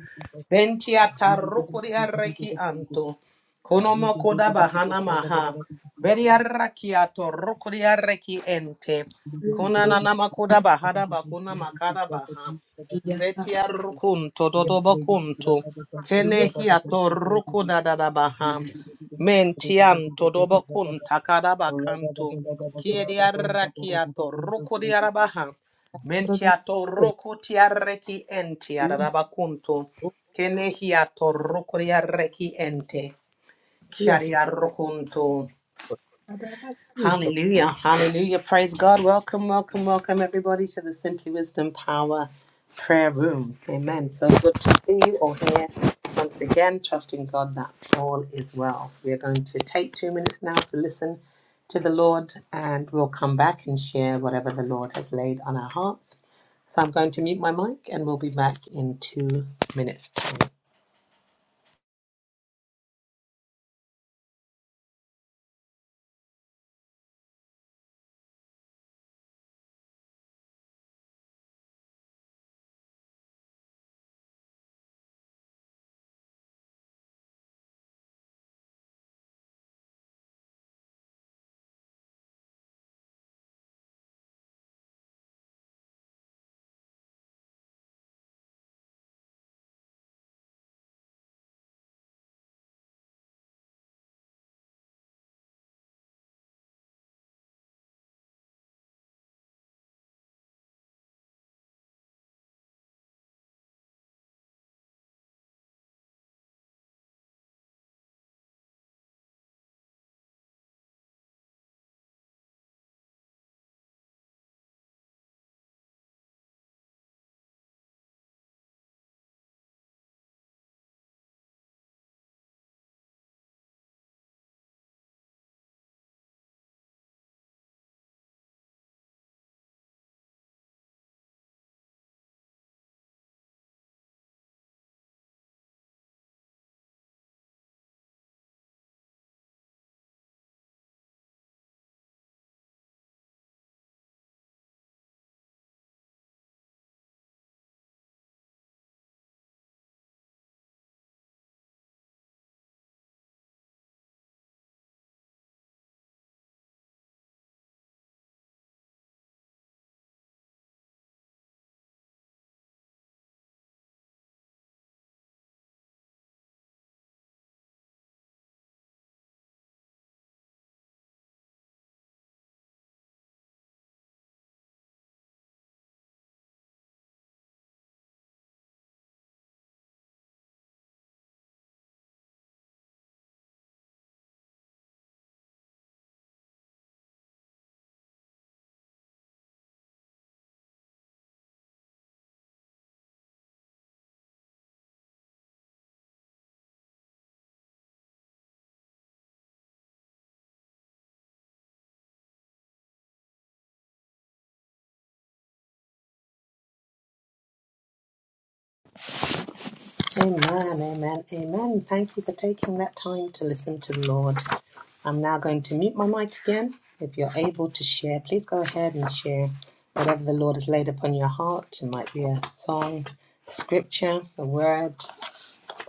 Ventiata rukuria reki anto. Konomokoda bahana maha. Beriarakiato rukuria reki ente. Ye ho Konananamakoda bahada bakuna makada baha. ya tas Vetia rukunto ya dodobokunto. ye Kenehiato rukuda dadabaha. Mentianto dobokunta kadabakanto. ye Kiediarakiato rukuriarabaha. adada Mentiato roko tiareki enti ye arabacunto. ho Kenehia to roko tiareki ente. ya tas Chiaria rocunto. adada sinto. Hallelujah. Hallelujah. Praise God. Welcome, welcome, welcome, everybody, to the Simply Wisdom Power Prayer Room. Amen. So good to see you all here once again, trusting God that all is well. We are going to take two minutes now to listen to the Lord, and we'll come back and share whatever the Lord has laid on our hearts. So I'm going to mute my mic, and we'll be back in two minutes' time. Amen, amen, amen. Thank you for taking that time to listen to the Lord. I'm now going to mute my mic again. If you're able to share, please go ahead and share whatever the Lord has laid upon your heart. It might be a song, scripture, a word,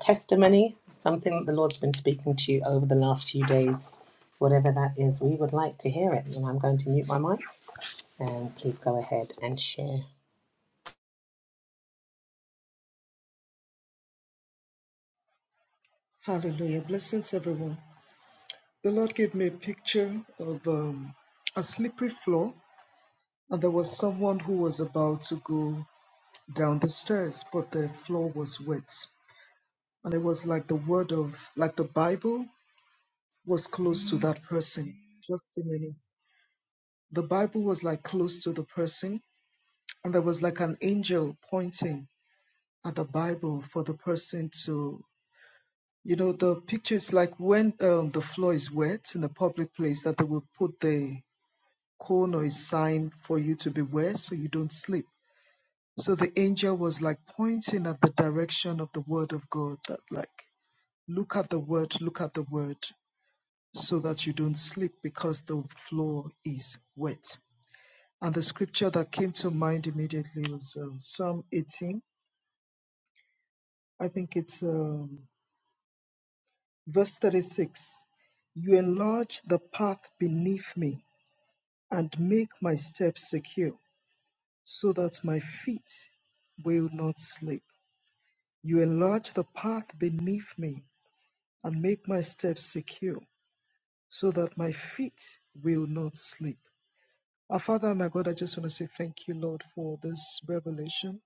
testimony, something that the Lord's been speaking to you over the last few days. Whatever that is, we would like to hear it. And I'm going to mute my mic and please go ahead and share. Hallelujah. Blessings, everyone. The Lord gave me a picture of um, a slippery floor, and there was someone who was about to go down the stairs, but the floor was wet. And it was like the word of, like the Bible was close to that person. Just a minute. The Bible was like close to the person, and there was like an angel pointing at the Bible for the person to, you know, the picture is like when um, the floor is wet in a public place that they will put the cone or a sign for you to beware so you don't slip. So the angel was like pointing at the direction of the word of God, that like, look at the word, look at the word. so that you don't sleep because the floor is wet. And the scripture that came to mind immediately was um, Psalm 18, I think it's um, verse 36. You enlarge the path beneath me and make my steps secure so that my feet will not slip. You enlarge the path beneath me and make my steps secure so that my feet will not slip. Our Father and our God, I just want to say thank you, Lord, for this revelation.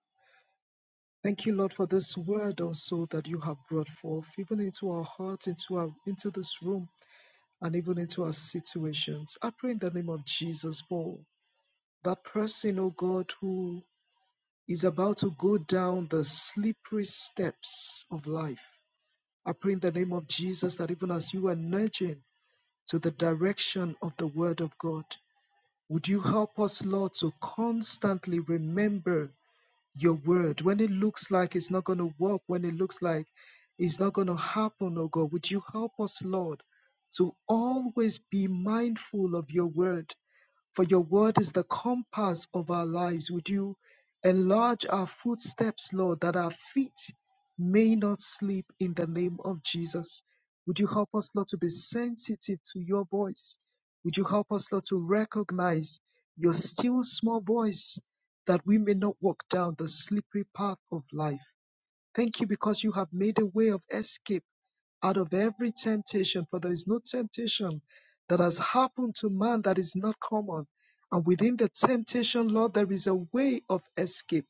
Thank you, Lord, for this word also that you have brought forth, even into our hearts, into our into this room, and even into our situations. I pray in the name of Jesus for that person, oh God, who is about to go down the slippery steps of life. I pray in the name of Jesus that even as you are nudging to the direction of the word of God, would you help us, Lord, to constantly remember your word when it looks like it's not going to work, when it looks like it's not going to happen, oh God. Would you help us, Lord, to always be mindful of your word? for your word is the compass of our lives. Would you enlarge our footsteps, Lord, that our feet may not slip in the name of Jesus? Would you help us, Lord, to be sensitive to your voice? Would you help us, Lord, to recognize your still small voice that we may not walk down the slippery path of life? Thank you because you have made a way of escape out of every temptation, for there is no temptation that has happened to man that is not common. And within the temptation, Lord, there is a way of escape.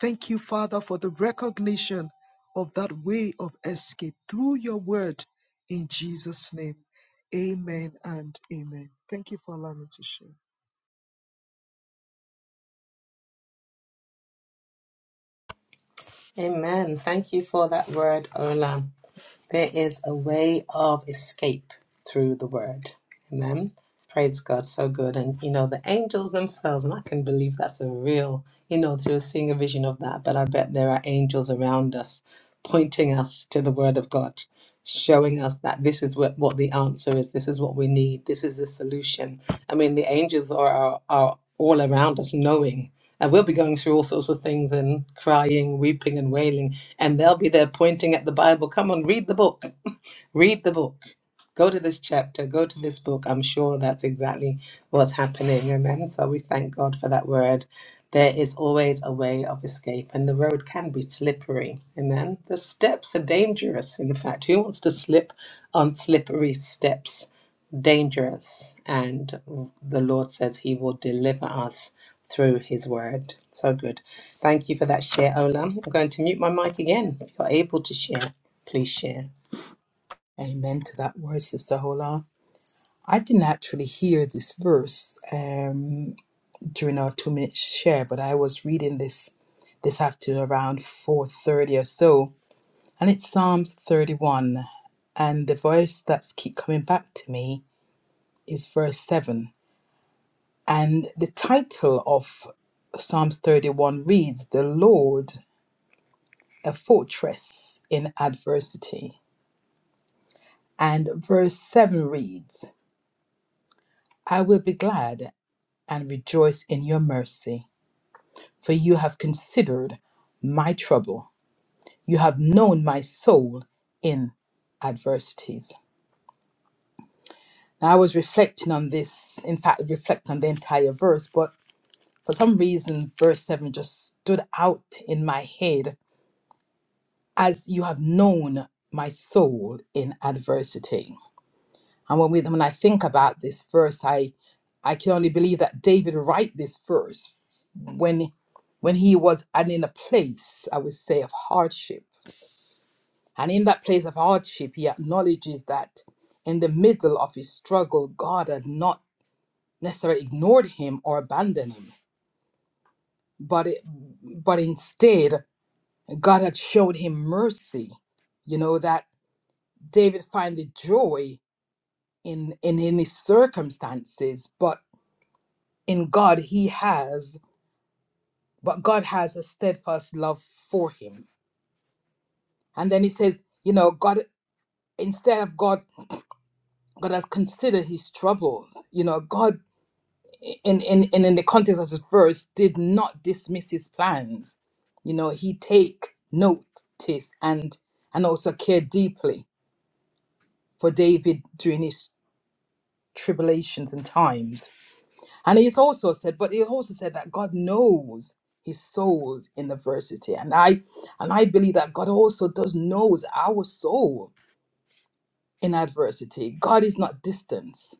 Thank you, Father, for the recognition of that way of escape through your word in Jesus' name. Amen and amen. Thank you for allowing me to share. Amen. Thank you for that word, Ola. There is a way of escape through the word. Amen. Praise God, so good. And you know, the angels themselves, and I can believe that's a real, you know, through seeing a vision of that, but I bet there are angels around us pointing us to the word of God showing us that this is what, what the answer is, this is what we need, this is the solution. I mean, the angels are, are, are all around us knowing. And we'll be going through all sorts of things and crying, weeping, and wailing. And they'll be there pointing at the Bible. Come on, read the book. Read the book Go to this chapter, go to this book. I'm sure that's exactly what's happening. Amen. So we thank God for that word. There is always a way of escape, and the road can be slippery. Amen. The steps are dangerous. In fact, who wants to slip on slippery steps? Dangerous. And the Lord says He will deliver us through His word. So good. Thank you for that share, Olam. I'm going to mute my mic again. If you're able to share, please share. Amen to that word, Sister Hola. I didn't actually hear this verse um, during our two-minute share, but I was reading this this afternoon around four thirty or so, and it's Psalms thirty-one, and the voice that's keep coming back to me is verse seven, and the title of Psalms thirty-one reads, "The Lord." a fortress in adversity. And verse 7 reads, I will be glad and rejoice in your mercy, for you have considered my trouble. You have known my soul in adversities. Now, I was reflecting on this, in fact, reflect on the entire verse, but for some reason, verse 7 just stood out in my head as you have known my soul in adversity. And when we when I think about this verse, I I can only believe that David write this verse when when he was and in a place, I would say, of hardship. And in that place of hardship, he acknowledges that in the middle of his struggle, God had not necessarily ignored him or abandoned him, but it, but instead, God had showed him mercy. You know that David find the joy in in in his circumstances, but in God he has, but God has a steadfast love for him. And then he says, you know, God instead of God, God has considered his troubles. You know, God in in in, in the context of this verse did not dismiss his plans. You know, he take notice and and also care deeply for David during his tribulations and times. And he's also said, but he also said that God knows his soul's in adversity. And I and I believe that God also does knows our soul in adversity. God is not distance.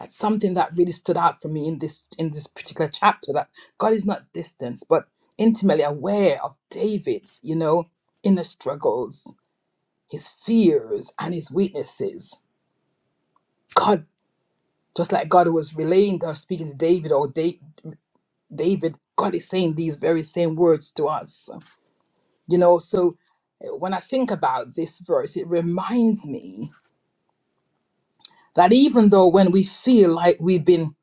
That's something that really stood out for me in this in this particular chapter that God is not distance, but intimately aware of David's, you know, inner struggles, his fears and his weaknesses. God, just like God was relaying or speaking to David or David, God is saying these very same words to us. You know, so uh, when I think about this verse, it reminds me that even though when we feel like we've been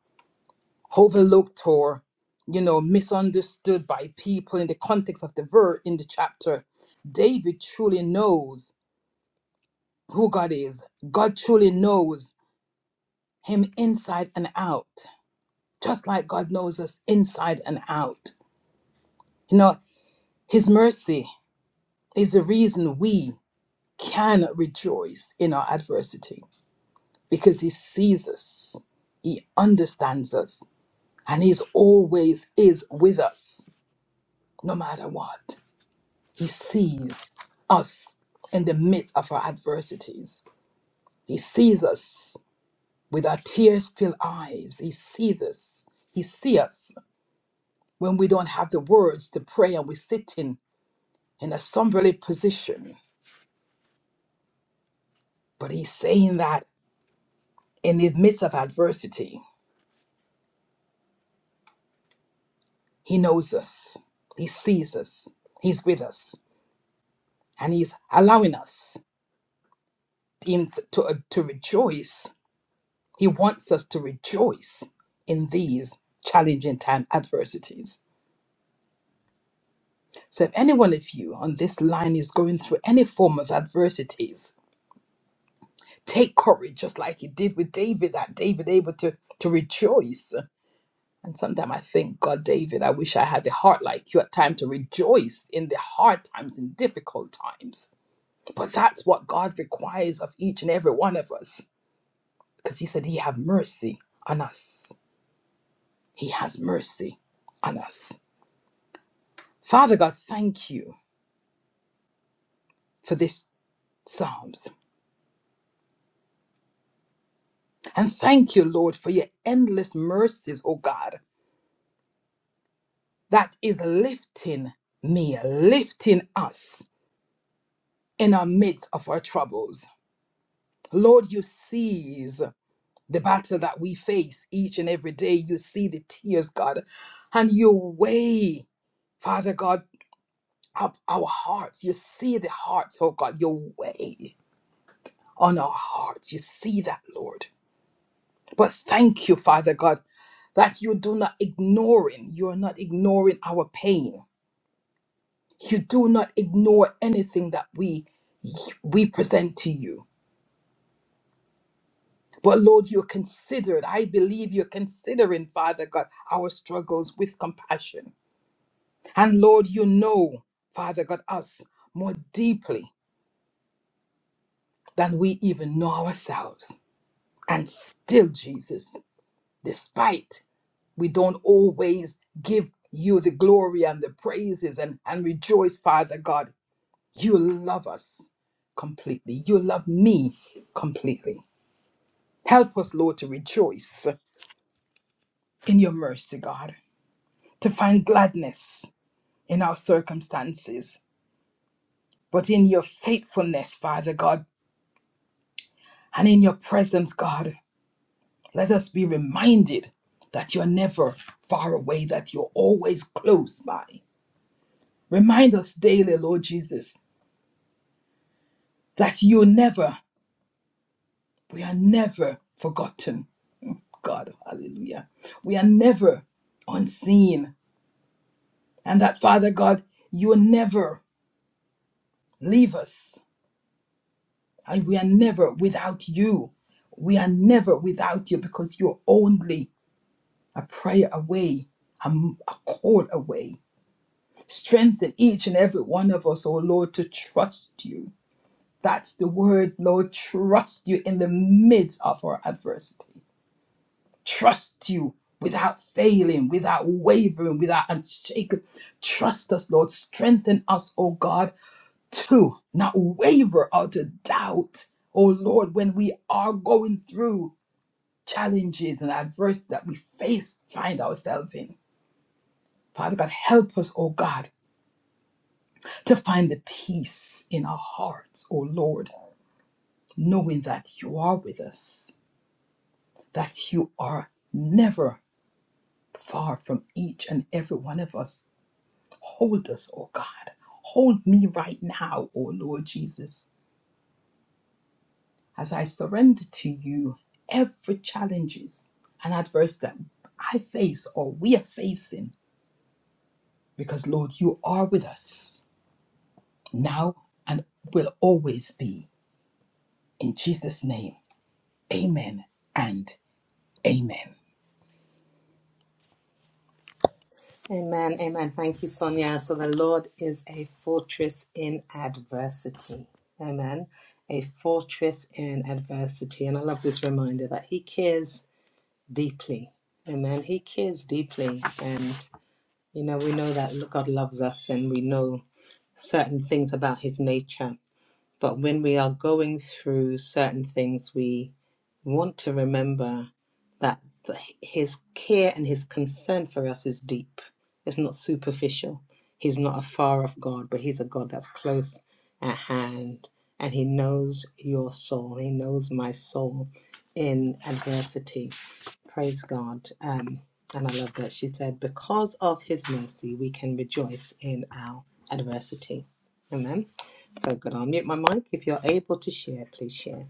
overlooked or, you know, misunderstood by people in the context of the verse in the chapter, David truly knows who God is. God truly knows him inside and out, just like God knows us inside and out. You know, his mercy is the reason we can rejoice in our adversity because he sees us, he understands us, and he's always is with us, no matter what. He sees us in the midst of our adversities. He sees us with our tears-filled eyes. He sees us. He sees us when we don't have the words to pray and we're sitting in a somberly position. But he's saying that in the midst of adversity, He knows us, He sees us, He's with us, and He's allowing us in- to, uh, to rejoice. He wants us to rejoice in these challenging time adversities. So, if any one of you on this line is going through any form of adversities, take courage, just like he did with David, that David able to, to rejoice. And sometimes I think, God, David, I wish I had a heart like you at times to rejoice in the hard times and difficult times But that's what God requires of each and every one of us. Because he said he have mercy on us. He has mercy on us. Father God, thank you for this Psalms. And thank you, Lord, for your endless mercies, oh God, that is lifting me, lifting us in our midst of our troubles. Lord, you seize the battle that we face each and every day. You see the tears, God, and you weigh, Father God, our, our hearts. You see the hearts, oh God, your way on our hearts. You see that, Lord. But thank you, Father God, that you do not ignoring, you are not ignoring our pain. You do not ignore anything that we we present to you. But Lord, you're considered. I believe you're considering, Father God, our struggles with compassion. And Lord, you know, Father God, us more deeply than we even know ourselves. And still, Jesus, despite we don't always give you the glory and the praises and, and rejoice, Father God, you love us completely. You love me completely. Help us, Lord, to rejoice in your mercy, God, to find gladness in our circumstances, but in your faithfulness, Father God, and in your presence, God, let us be reminded that you're never far away, that you're always close by. Remind us daily, Lord Jesus, that you never, we are never forgotten, God, hallelujah. We are never unseen, and that, Father God, you will never leave us, and we are never without you. We are never without you because you're only a prayer away, a, m- a call away. Strengthen each and every one of us, oh Lord, to trust you. That's the word, Lord, trust you in the midst of our adversity. trust you without failing, without wavering, without unshaken. Trust us, Lord. Strengthen us, O God, to not waver or to doubt, O Lord, when we are going through challenges and adversity that we face, find ourselves in. Father God, help us, O God, to find the peace in our hearts, O Lord, knowing that you are with us, that you are never far from each and every one of us Hold us, O God. Hold me right now, O Lord Jesus, as I surrender to you every challenges and adverse that I face or we are facing, because Lord, you are with us now and will always be. In Jesus' name, amen and amen. Amen. Amen. Thank you, Sonia. So the Lord is a fortress in adversity. Amen. A fortress in adversity. And I love this reminder that He cares deeply. Amen. He cares deeply. And, you know, we know that God loves us and we know certain things about His nature. But when we are going through certain things, we want to remember that the- his care and his concern for us is deep. It's not superficial. He's not a far off God, but he's a God that's close at hand. And he knows your soul. He knows my soul in adversity. Praise God. Um, and I love that she said, because of his mercy, we can rejoice in our adversity. Amen. So good. I'll mute my mic. If you're able to share, please share.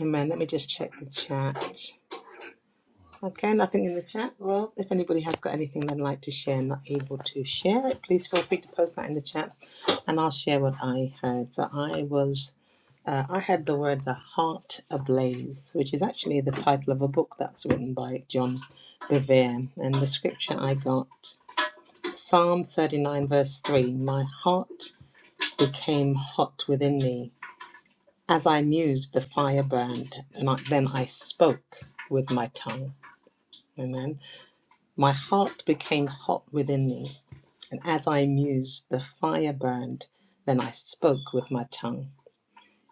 Amen. Let me just check the chat. Okay, nothing in the chat. Well, if anybody has got anything they'd like to share and not able to share it, please feel free to post that in the chat and I'll share what I heard. So I was, uh, I heard the words a heart ablaze, which is actually the title of a book that's written by John Bevere. And the scripture I got, Psalm 39, verse 3 My heart became hot within me As I mused, the fire burned, and I, then I spoke with my tongue. Amen. My heart became hot within me, and as I mused, the fire burned, then I spoke with my tongue.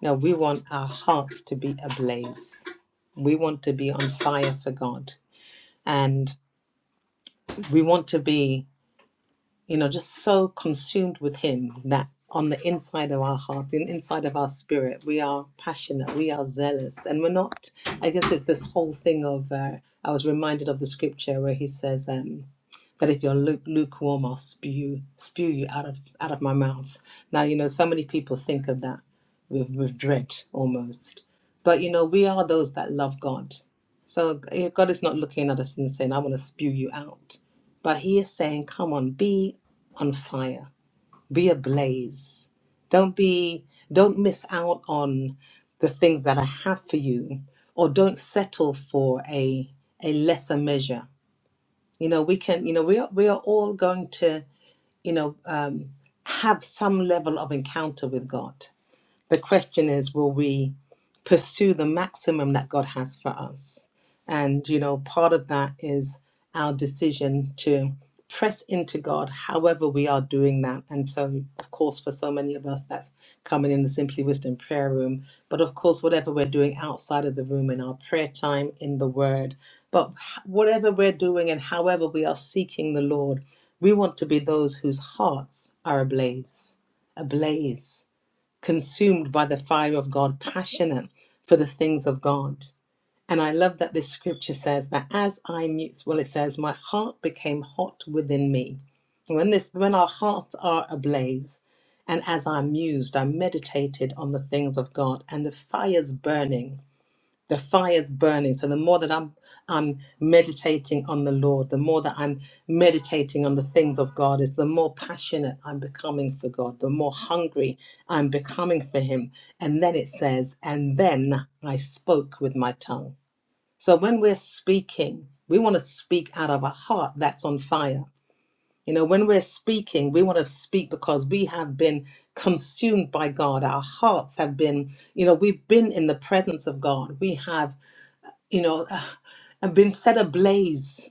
Now we want our hearts to be ablaze. We want to be on fire for God, and we want to be. you know, just so consumed with Him that on the inside of our heart, in inside of our spirit, we are passionate, we are zealous, and we're not. I guess it's this whole thing of. Uh, I was reminded of the scripture where He says um, that if you're lu- lukewarm, I'll spew spew you out of out of my mouth. Now you know, so many people think of that with with dread almost, but you know, we are those that love God. So eh, God is not looking at us and saying, "I want to spew you out." But he is saying, come on, be on fire, be ablaze. Don't be, don't miss out on the things that I have for you, or don't settle for a a lesser measure. You know, we can, you know, we are we are all going to, you know, um, have some level of encounter with God. The question is, will we pursue the maximum that God has for us? And, you know, part of that is our decision to press into God, however, we are doing that. And so, of course, for so many of us, that's coming in the Simply Wisdom prayer room. But of course, whatever we're doing outside of the room in our prayer time, in the Word, but h- whatever we're doing and however we are seeking the Lord, we want to be those whose hearts are ablaze, ablaze consumed by the fire of God, passionate for the things of God. And I love that this scripture says that as I mute, well, it says, my heart became hot within me. When this, when our hearts are ablaze, and as I mused, I meditated on the things of God, and the fires burning the fire's burning so the more that i'm i'm meditating on the lord the more that i'm meditating on the things of god is the more passionate i'm becoming for god the more hungry i'm becoming for him and then it says and then i spoke with my tongue so when we're speaking we want to speak out of a heart that's on fire you know when we're speaking we want to speak because we have been consumed by god our hearts have been you know we've been in the presence of god we have you know, uh, and been set ablaze.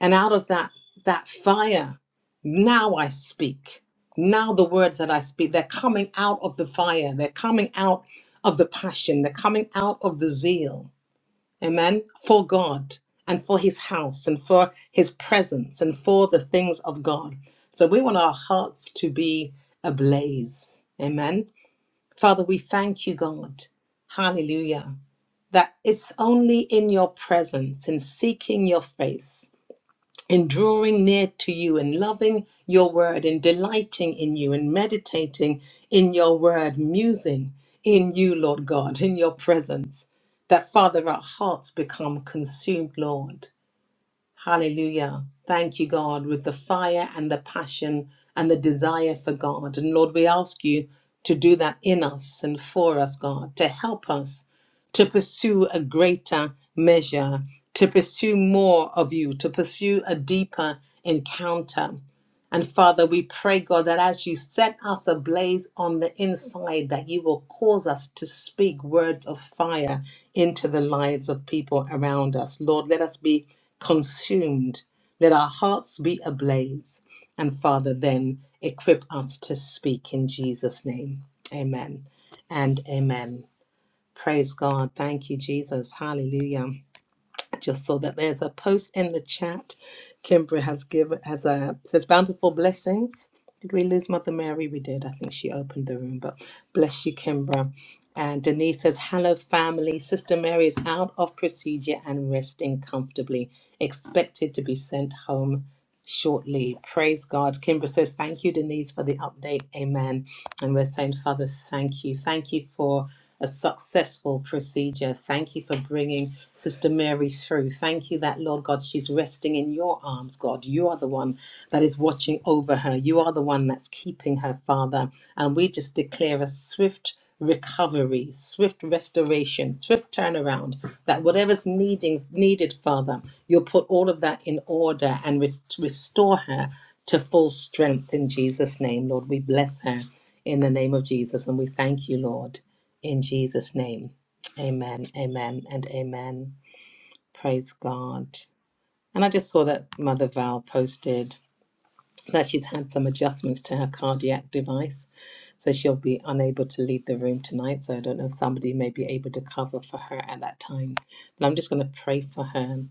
And out of that that fire, now I speak. Now the words that I speak, they're coming out of the fire. They're coming out of the passion. They're coming out of the zeal. Amen. For God and for his house and for his presence and for the things of God. So we want our hearts to be ablaze. Amen. Father, we thank you, God. Hallelujah. That it's only in your presence, in seeking your face, in drawing near to you, in loving your word, in delighting in you, in meditating in your word, musing in you, Lord God, in your presence, that Father, our hearts become consumed, Lord. Hallelujah. Thank you, God, with the fire and the passion and the desire for God. And Lord, we ask you to do that in us and for us, God, to help us to pursue a greater measure, to pursue more of you, to pursue a deeper encounter. And Father, we pray, God, that as you set us ablaze on the inside, that you will cause us to speak words of fire into the lives of people around us. Lord, let us be consumed. Let our hearts be ablaze. And Father, then equip us to speak in Jesus' name. Amen and amen. Praise God. Thank you, Jesus. Hallelujah just so that there's a post in the chat. Kimbra has given has a says bountiful blessings. Did we lose Mother Mary? We did. I think she opened the room, but bless you, Kimbra. And Denise says, Hello, family. Sister Mary is out of procedure and resting comfortably. Expected to be sent home shortly. Praise God. Kimbra says, Thank you, Denise, for the update. Amen. And we're saying, Father, thank you. Thank you for a successful procedure. Thank you for bringing Sister Mary through. Thank you that, Lord God, she's resting in your arms, God. You are the one that is watching over her. You are the one that's keeping her, Father. And we just declare a swift recovery, swift restoration, swift turnaround, that whatever's needing needed, Father, you'll put all of that in order and re- restore her to full strength in Jesus' name, Lord. We bless her in the name of Jesus. And we thank you, Lord, in Jesus' name. Amen, amen, and amen. Praise God. And I just saw that Mother Val posted that she's had some adjustments to her cardiac device. So she'll be unable to leave the room tonight. So I don't know if somebody may be able to cover for her at that time. But I'm just going to pray for her.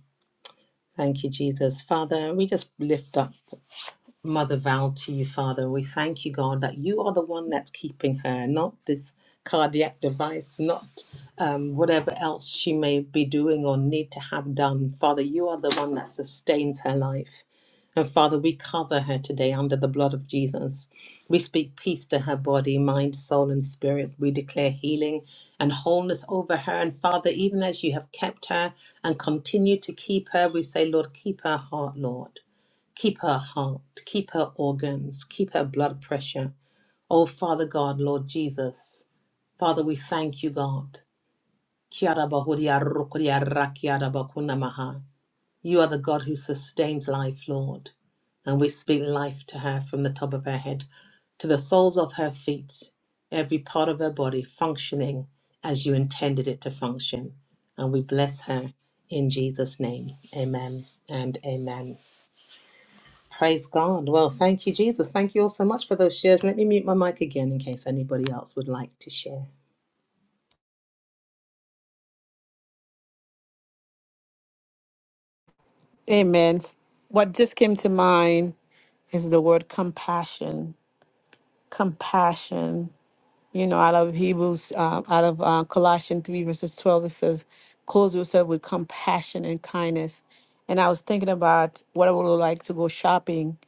Thank you, Jesus. Father, we just lift up Mother Val to you, Father. We thank you, God, that you are the one that's keeping her, not this cardiac device, not um, whatever else she may be doing or need to have done. Father, you are the one that sustains her life. And Father, we cover her today under the blood of Jesus. We speak peace to her body, mind, soul, and spirit. We declare healing and wholeness over her. And Father, even as you have kept her and continue to keep her, we say, Lord, keep her heart, Lord. Keep her heart, keep her organs, keep her blood pressure. Oh, Father God, Lord Jesus, Father, we thank you, God. You are the God who sustains life, Lord. And we speak life to her from the top of her head to the soles of her feet, every part of her body functioning as you intended it to function. And we bless her in Jesus' name. Amen and amen. Praise God. Well, thank you, Jesus. Thank you all so much for those shares. Let me mute my mic again in case anybody else would like to share. Amen. What just came to mind is the word compassion. Compassion. You know, out of Hebrews, uh, out of uh, Colossians 3, verses 12, it says, "Clothe yourself with compassion and kindness. And I was thinking about what I would like to go shopping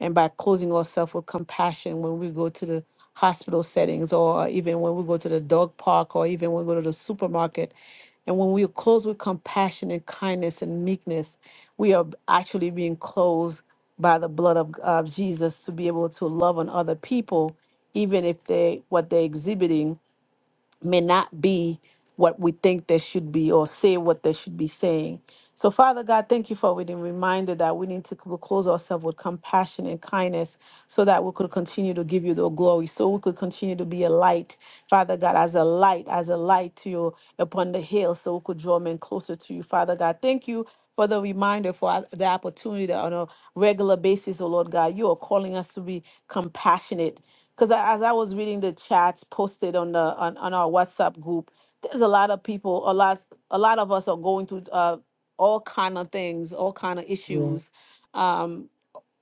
and by closing ourselves with compassion when we go to the hospital settings or even when we go to the dog park or even when we go to the supermarket and when we are closed with compassion and kindness and meekness we are actually being closed by the blood of, of jesus to be able to love on other people even if they what they're exhibiting may not be what we be or say what they should be saying. So, Father God, thank you for being reminded that we need to close ourselves with compassion and kindness so that we could continue to give you the glory, so we could continue to be a light, Father God, as a light, as a light to you upon the hill, so we could draw men closer to you, Father God. Thank you for the reminder, for the opportunity that on a regular basis, oh Lord God. You are to be compassionate because as i was reading the chats posted on the on, on our whatsapp group there's a lot of people a lot a lot of us are going through uh, all kind of things all kind of issues um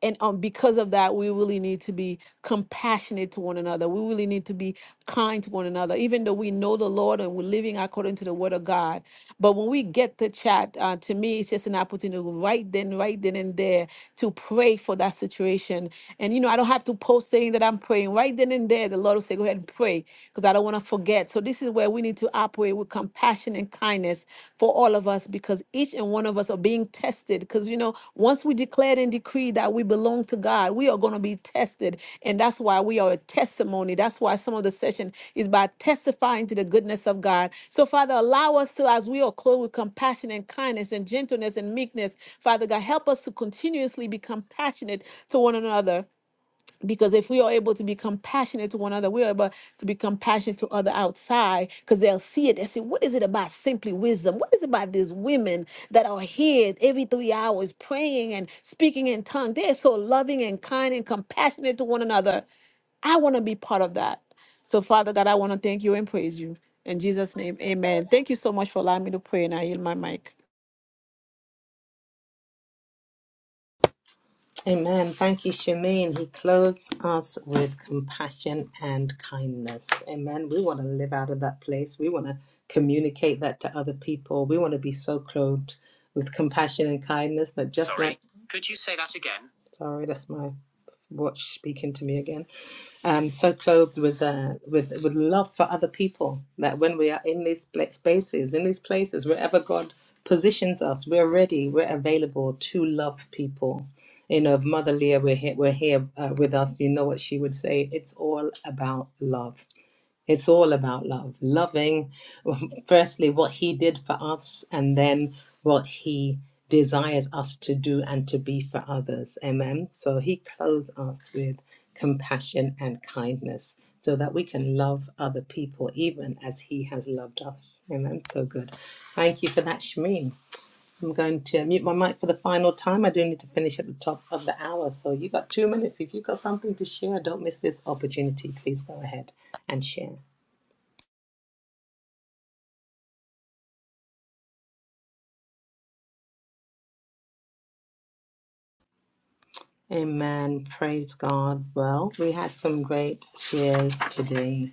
and um, because of that, we really need to be compassionate to one another. We really need to be kind to one another, even though we know the Lord and we're living according to the Word of God. But when we get the chat, uh, to me, it's just an opportunity right then, right then and there, to pray for that situation and you know, I don't have to post saying that I'm praying. Right then and there, the Lord will say, Go ahead and pray because I don't want to forget. So this is where we need to operate with compassion and kindness for all of us because each and one of us are being tested. Because you know, once we declared and decree that we belong to God, we are going to be tested. And that's why we are a testimony. That's why some of the session is by testifying to the goodness of God. So, Father, allow us to, as we are clothed with compassion and kindness and gentleness and meekness, Father God, help us to continuously be compassionate to one another because if we are able to be compassionate to one another, we are able to be compassionate to other outside because they'll see it they say, What is it about simply wisdom? What is it about these women that are here every three hours praying and speaking in tongues? They're so loving and kind and compassionate to one another. I want to be part of that. So, Father God, I want to thank you and praise you. In Jesus' name, amen. Thank you so much for allowing me to pray, and I yield my mic. Amen. Thank you, Shamin. He clothes us with compassion and kindness. Amen. We want to live out of that place. We want to communicate that to other people. We want to be so clothed with compassion and kindness that just like. Sorry, that's my watch speaking to me again. um, so clothed with uh, with with love for other people that when we are in these pla- spaces, in these places, wherever God positions us, we're ready, we're available to love people you know, if Mother Leah were here, were here uh, with us, you know what she would say. It's all about love. It's all about love. Loving, firstly, what He did for us, and then what He desires us to do and to be for others. Amen. So He clothes us with compassion and kindness so that we can love other people even as He has loved us. Amen. So good. Thank you for that, Shameen. I'm going to mute my mic for the final time. I do need to finish at the top of the hour. So you got two minutes. If you've got something to share, don't miss this opportunity. Please go ahead and share. Amen. Praise God. Well, we had some great shares today.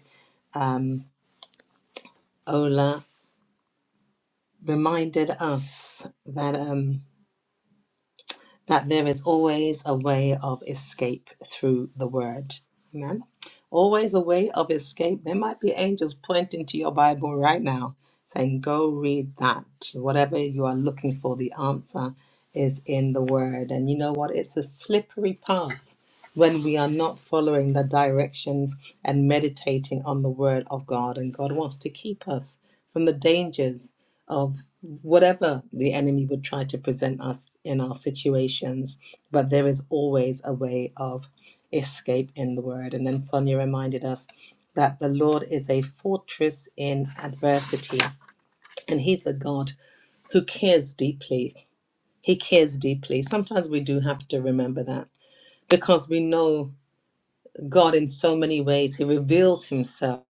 Ola reminded us that. um, that there is always a way of escape through the word. Amen. Always a way of escape. There might be angels pointing to your Bible right now saying, Go read that. Whatever you are looking for, the answer is in the word. And you know what? It's a slippery path when we are not following the directions and meditating on the word of God. And God wants to keep us from the dangers of whatever the enemy would try to present us in our situations, but there is always a way of escape in the word. And then Sonia reminded us that the Lord is a fortress in adversity, and He's a God who cares deeply. He cares deeply. Sometimes we do have to remember that because we know God in so many ways. He reveals Himself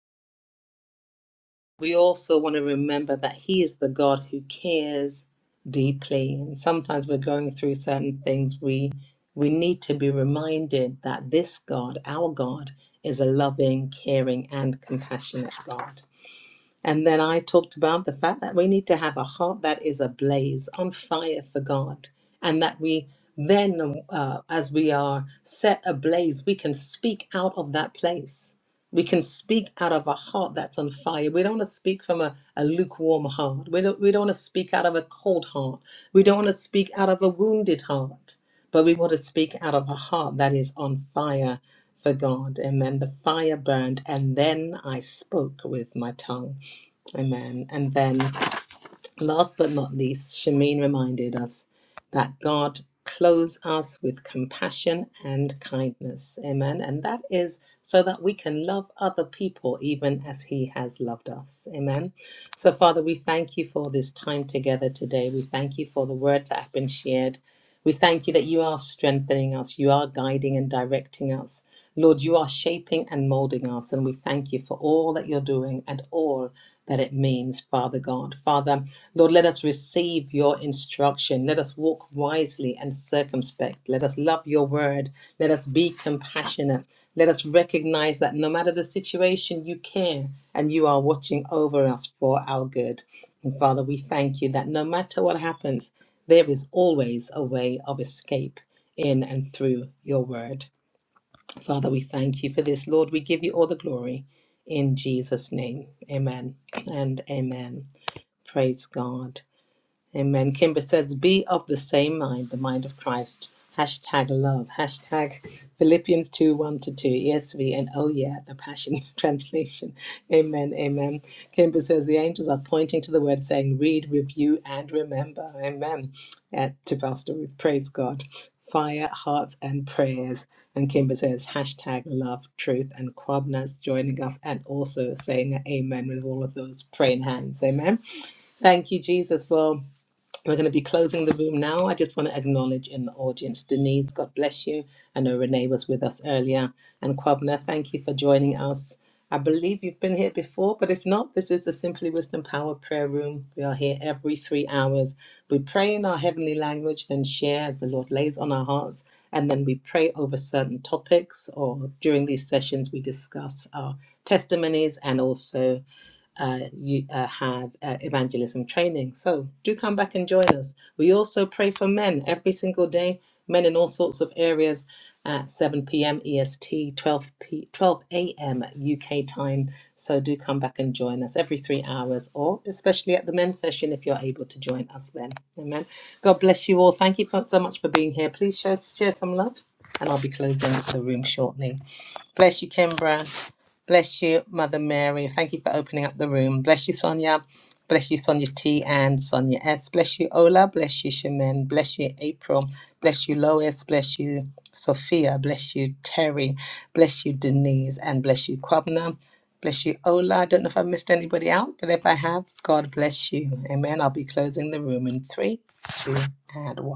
we also want to remember that He is the God who cares deeply. And sometimes we're going through certain things. We we need to be reminded that this God, our God, is a loving, caring, and compassionate God. And then I talked about the fact that we need to have a heart that is ablaze, on fire for God, and that we then, uh, as we are set ablaze, we can speak out of that place. We can speak out of a heart that's on fire. We don't want to speak from a, a lukewarm heart. We don't, we don't want to speak out of a cold heart. We don't want to speak out of a wounded heart, but we want to speak out of a heart that is on fire for God. And then the fire burned, and then I spoke with my tongue. Amen. And then, last but not least, Shamin reminded us that God clothes us with compassion and kindness. Amen. And that is so that we can love other people even as He has loved us. Amen. So, Father, we thank you for this time together today. We thank you for the words that have been shared. We thank you that you are strengthening us, you are guiding and directing us. Lord, you are shaping and molding us, and we thank you for all that you're doing and all that it means, Father God. Father, Lord, let us receive your instruction. Let us walk wisely and circumspect. Let us love your word. Let us be compassionate. Let us recognize that no matter the situation, you care and you are watching over us for our good. And Father, we thank you that no matter what happens, there is always a way of escape in and through your word. Father, we thank you for this. Lord, we give you all the glory in Jesus' name. Amen and amen. Praise God. Amen. Kimber says, be of the same mind, the mind of Christ. Hashtag love. Hashtag Philippians 2 1 to 2, ESV, and oh yeah, the Passion Translation. Amen. Amen. Kimber says, the angels are pointing to the word, saying, read, review, and remember. Amen. Uh, to Pastor Ruth, praise God. Fire, hearts, and prayers. And Kimber says, hashtag love, truth, and Kwabna's joining us and also saying amen with all of those praying hands. Amen. Thank you, Jesus, for. We're going to be closing the room now. I just want to acknowledge in the audience Denise, God bless you. I know Renee was with us earlier. And Kwabna, thank you for joining us. I believe you've been here before, but if not, this is the Simply Wisdom Power Prayer Room. We are here every three hours. We pray in our heavenly language, then share as the Lord lays on our hearts, and then we pray over certain topics, or during these sessions, we discuss our testimonies and also uh, you uh, have uh, evangelism training. So do come back and join us. We also pray for men every single day, men in all sorts of areas at 7 p.m. EST, 12 p 12 a.m. UK time. So do come back and join us every three hours, or especially at the men's session if you're able to join us then. Amen. God bless you all. Thank you for, so much for being here. Please share, share some love, and I'll be closing the room shortly. Bless you, Kimbra. Bless you, Mother Mary. Thank you for opening up the room. Bless you, Sonia. Bless you, Sonia T and Sonia S. Bless you, Ola. Bless you, Shemin. Bless you, April. Bless you, Lois. Bless you, Sophia. Bless you, Terry. Bless you, Denise. And bless you, Kwabna. Bless you, Ola. I don't know if I've missed anybody out, but if I have, God bless you. Amen. I'll be closing the room in three, two, and one.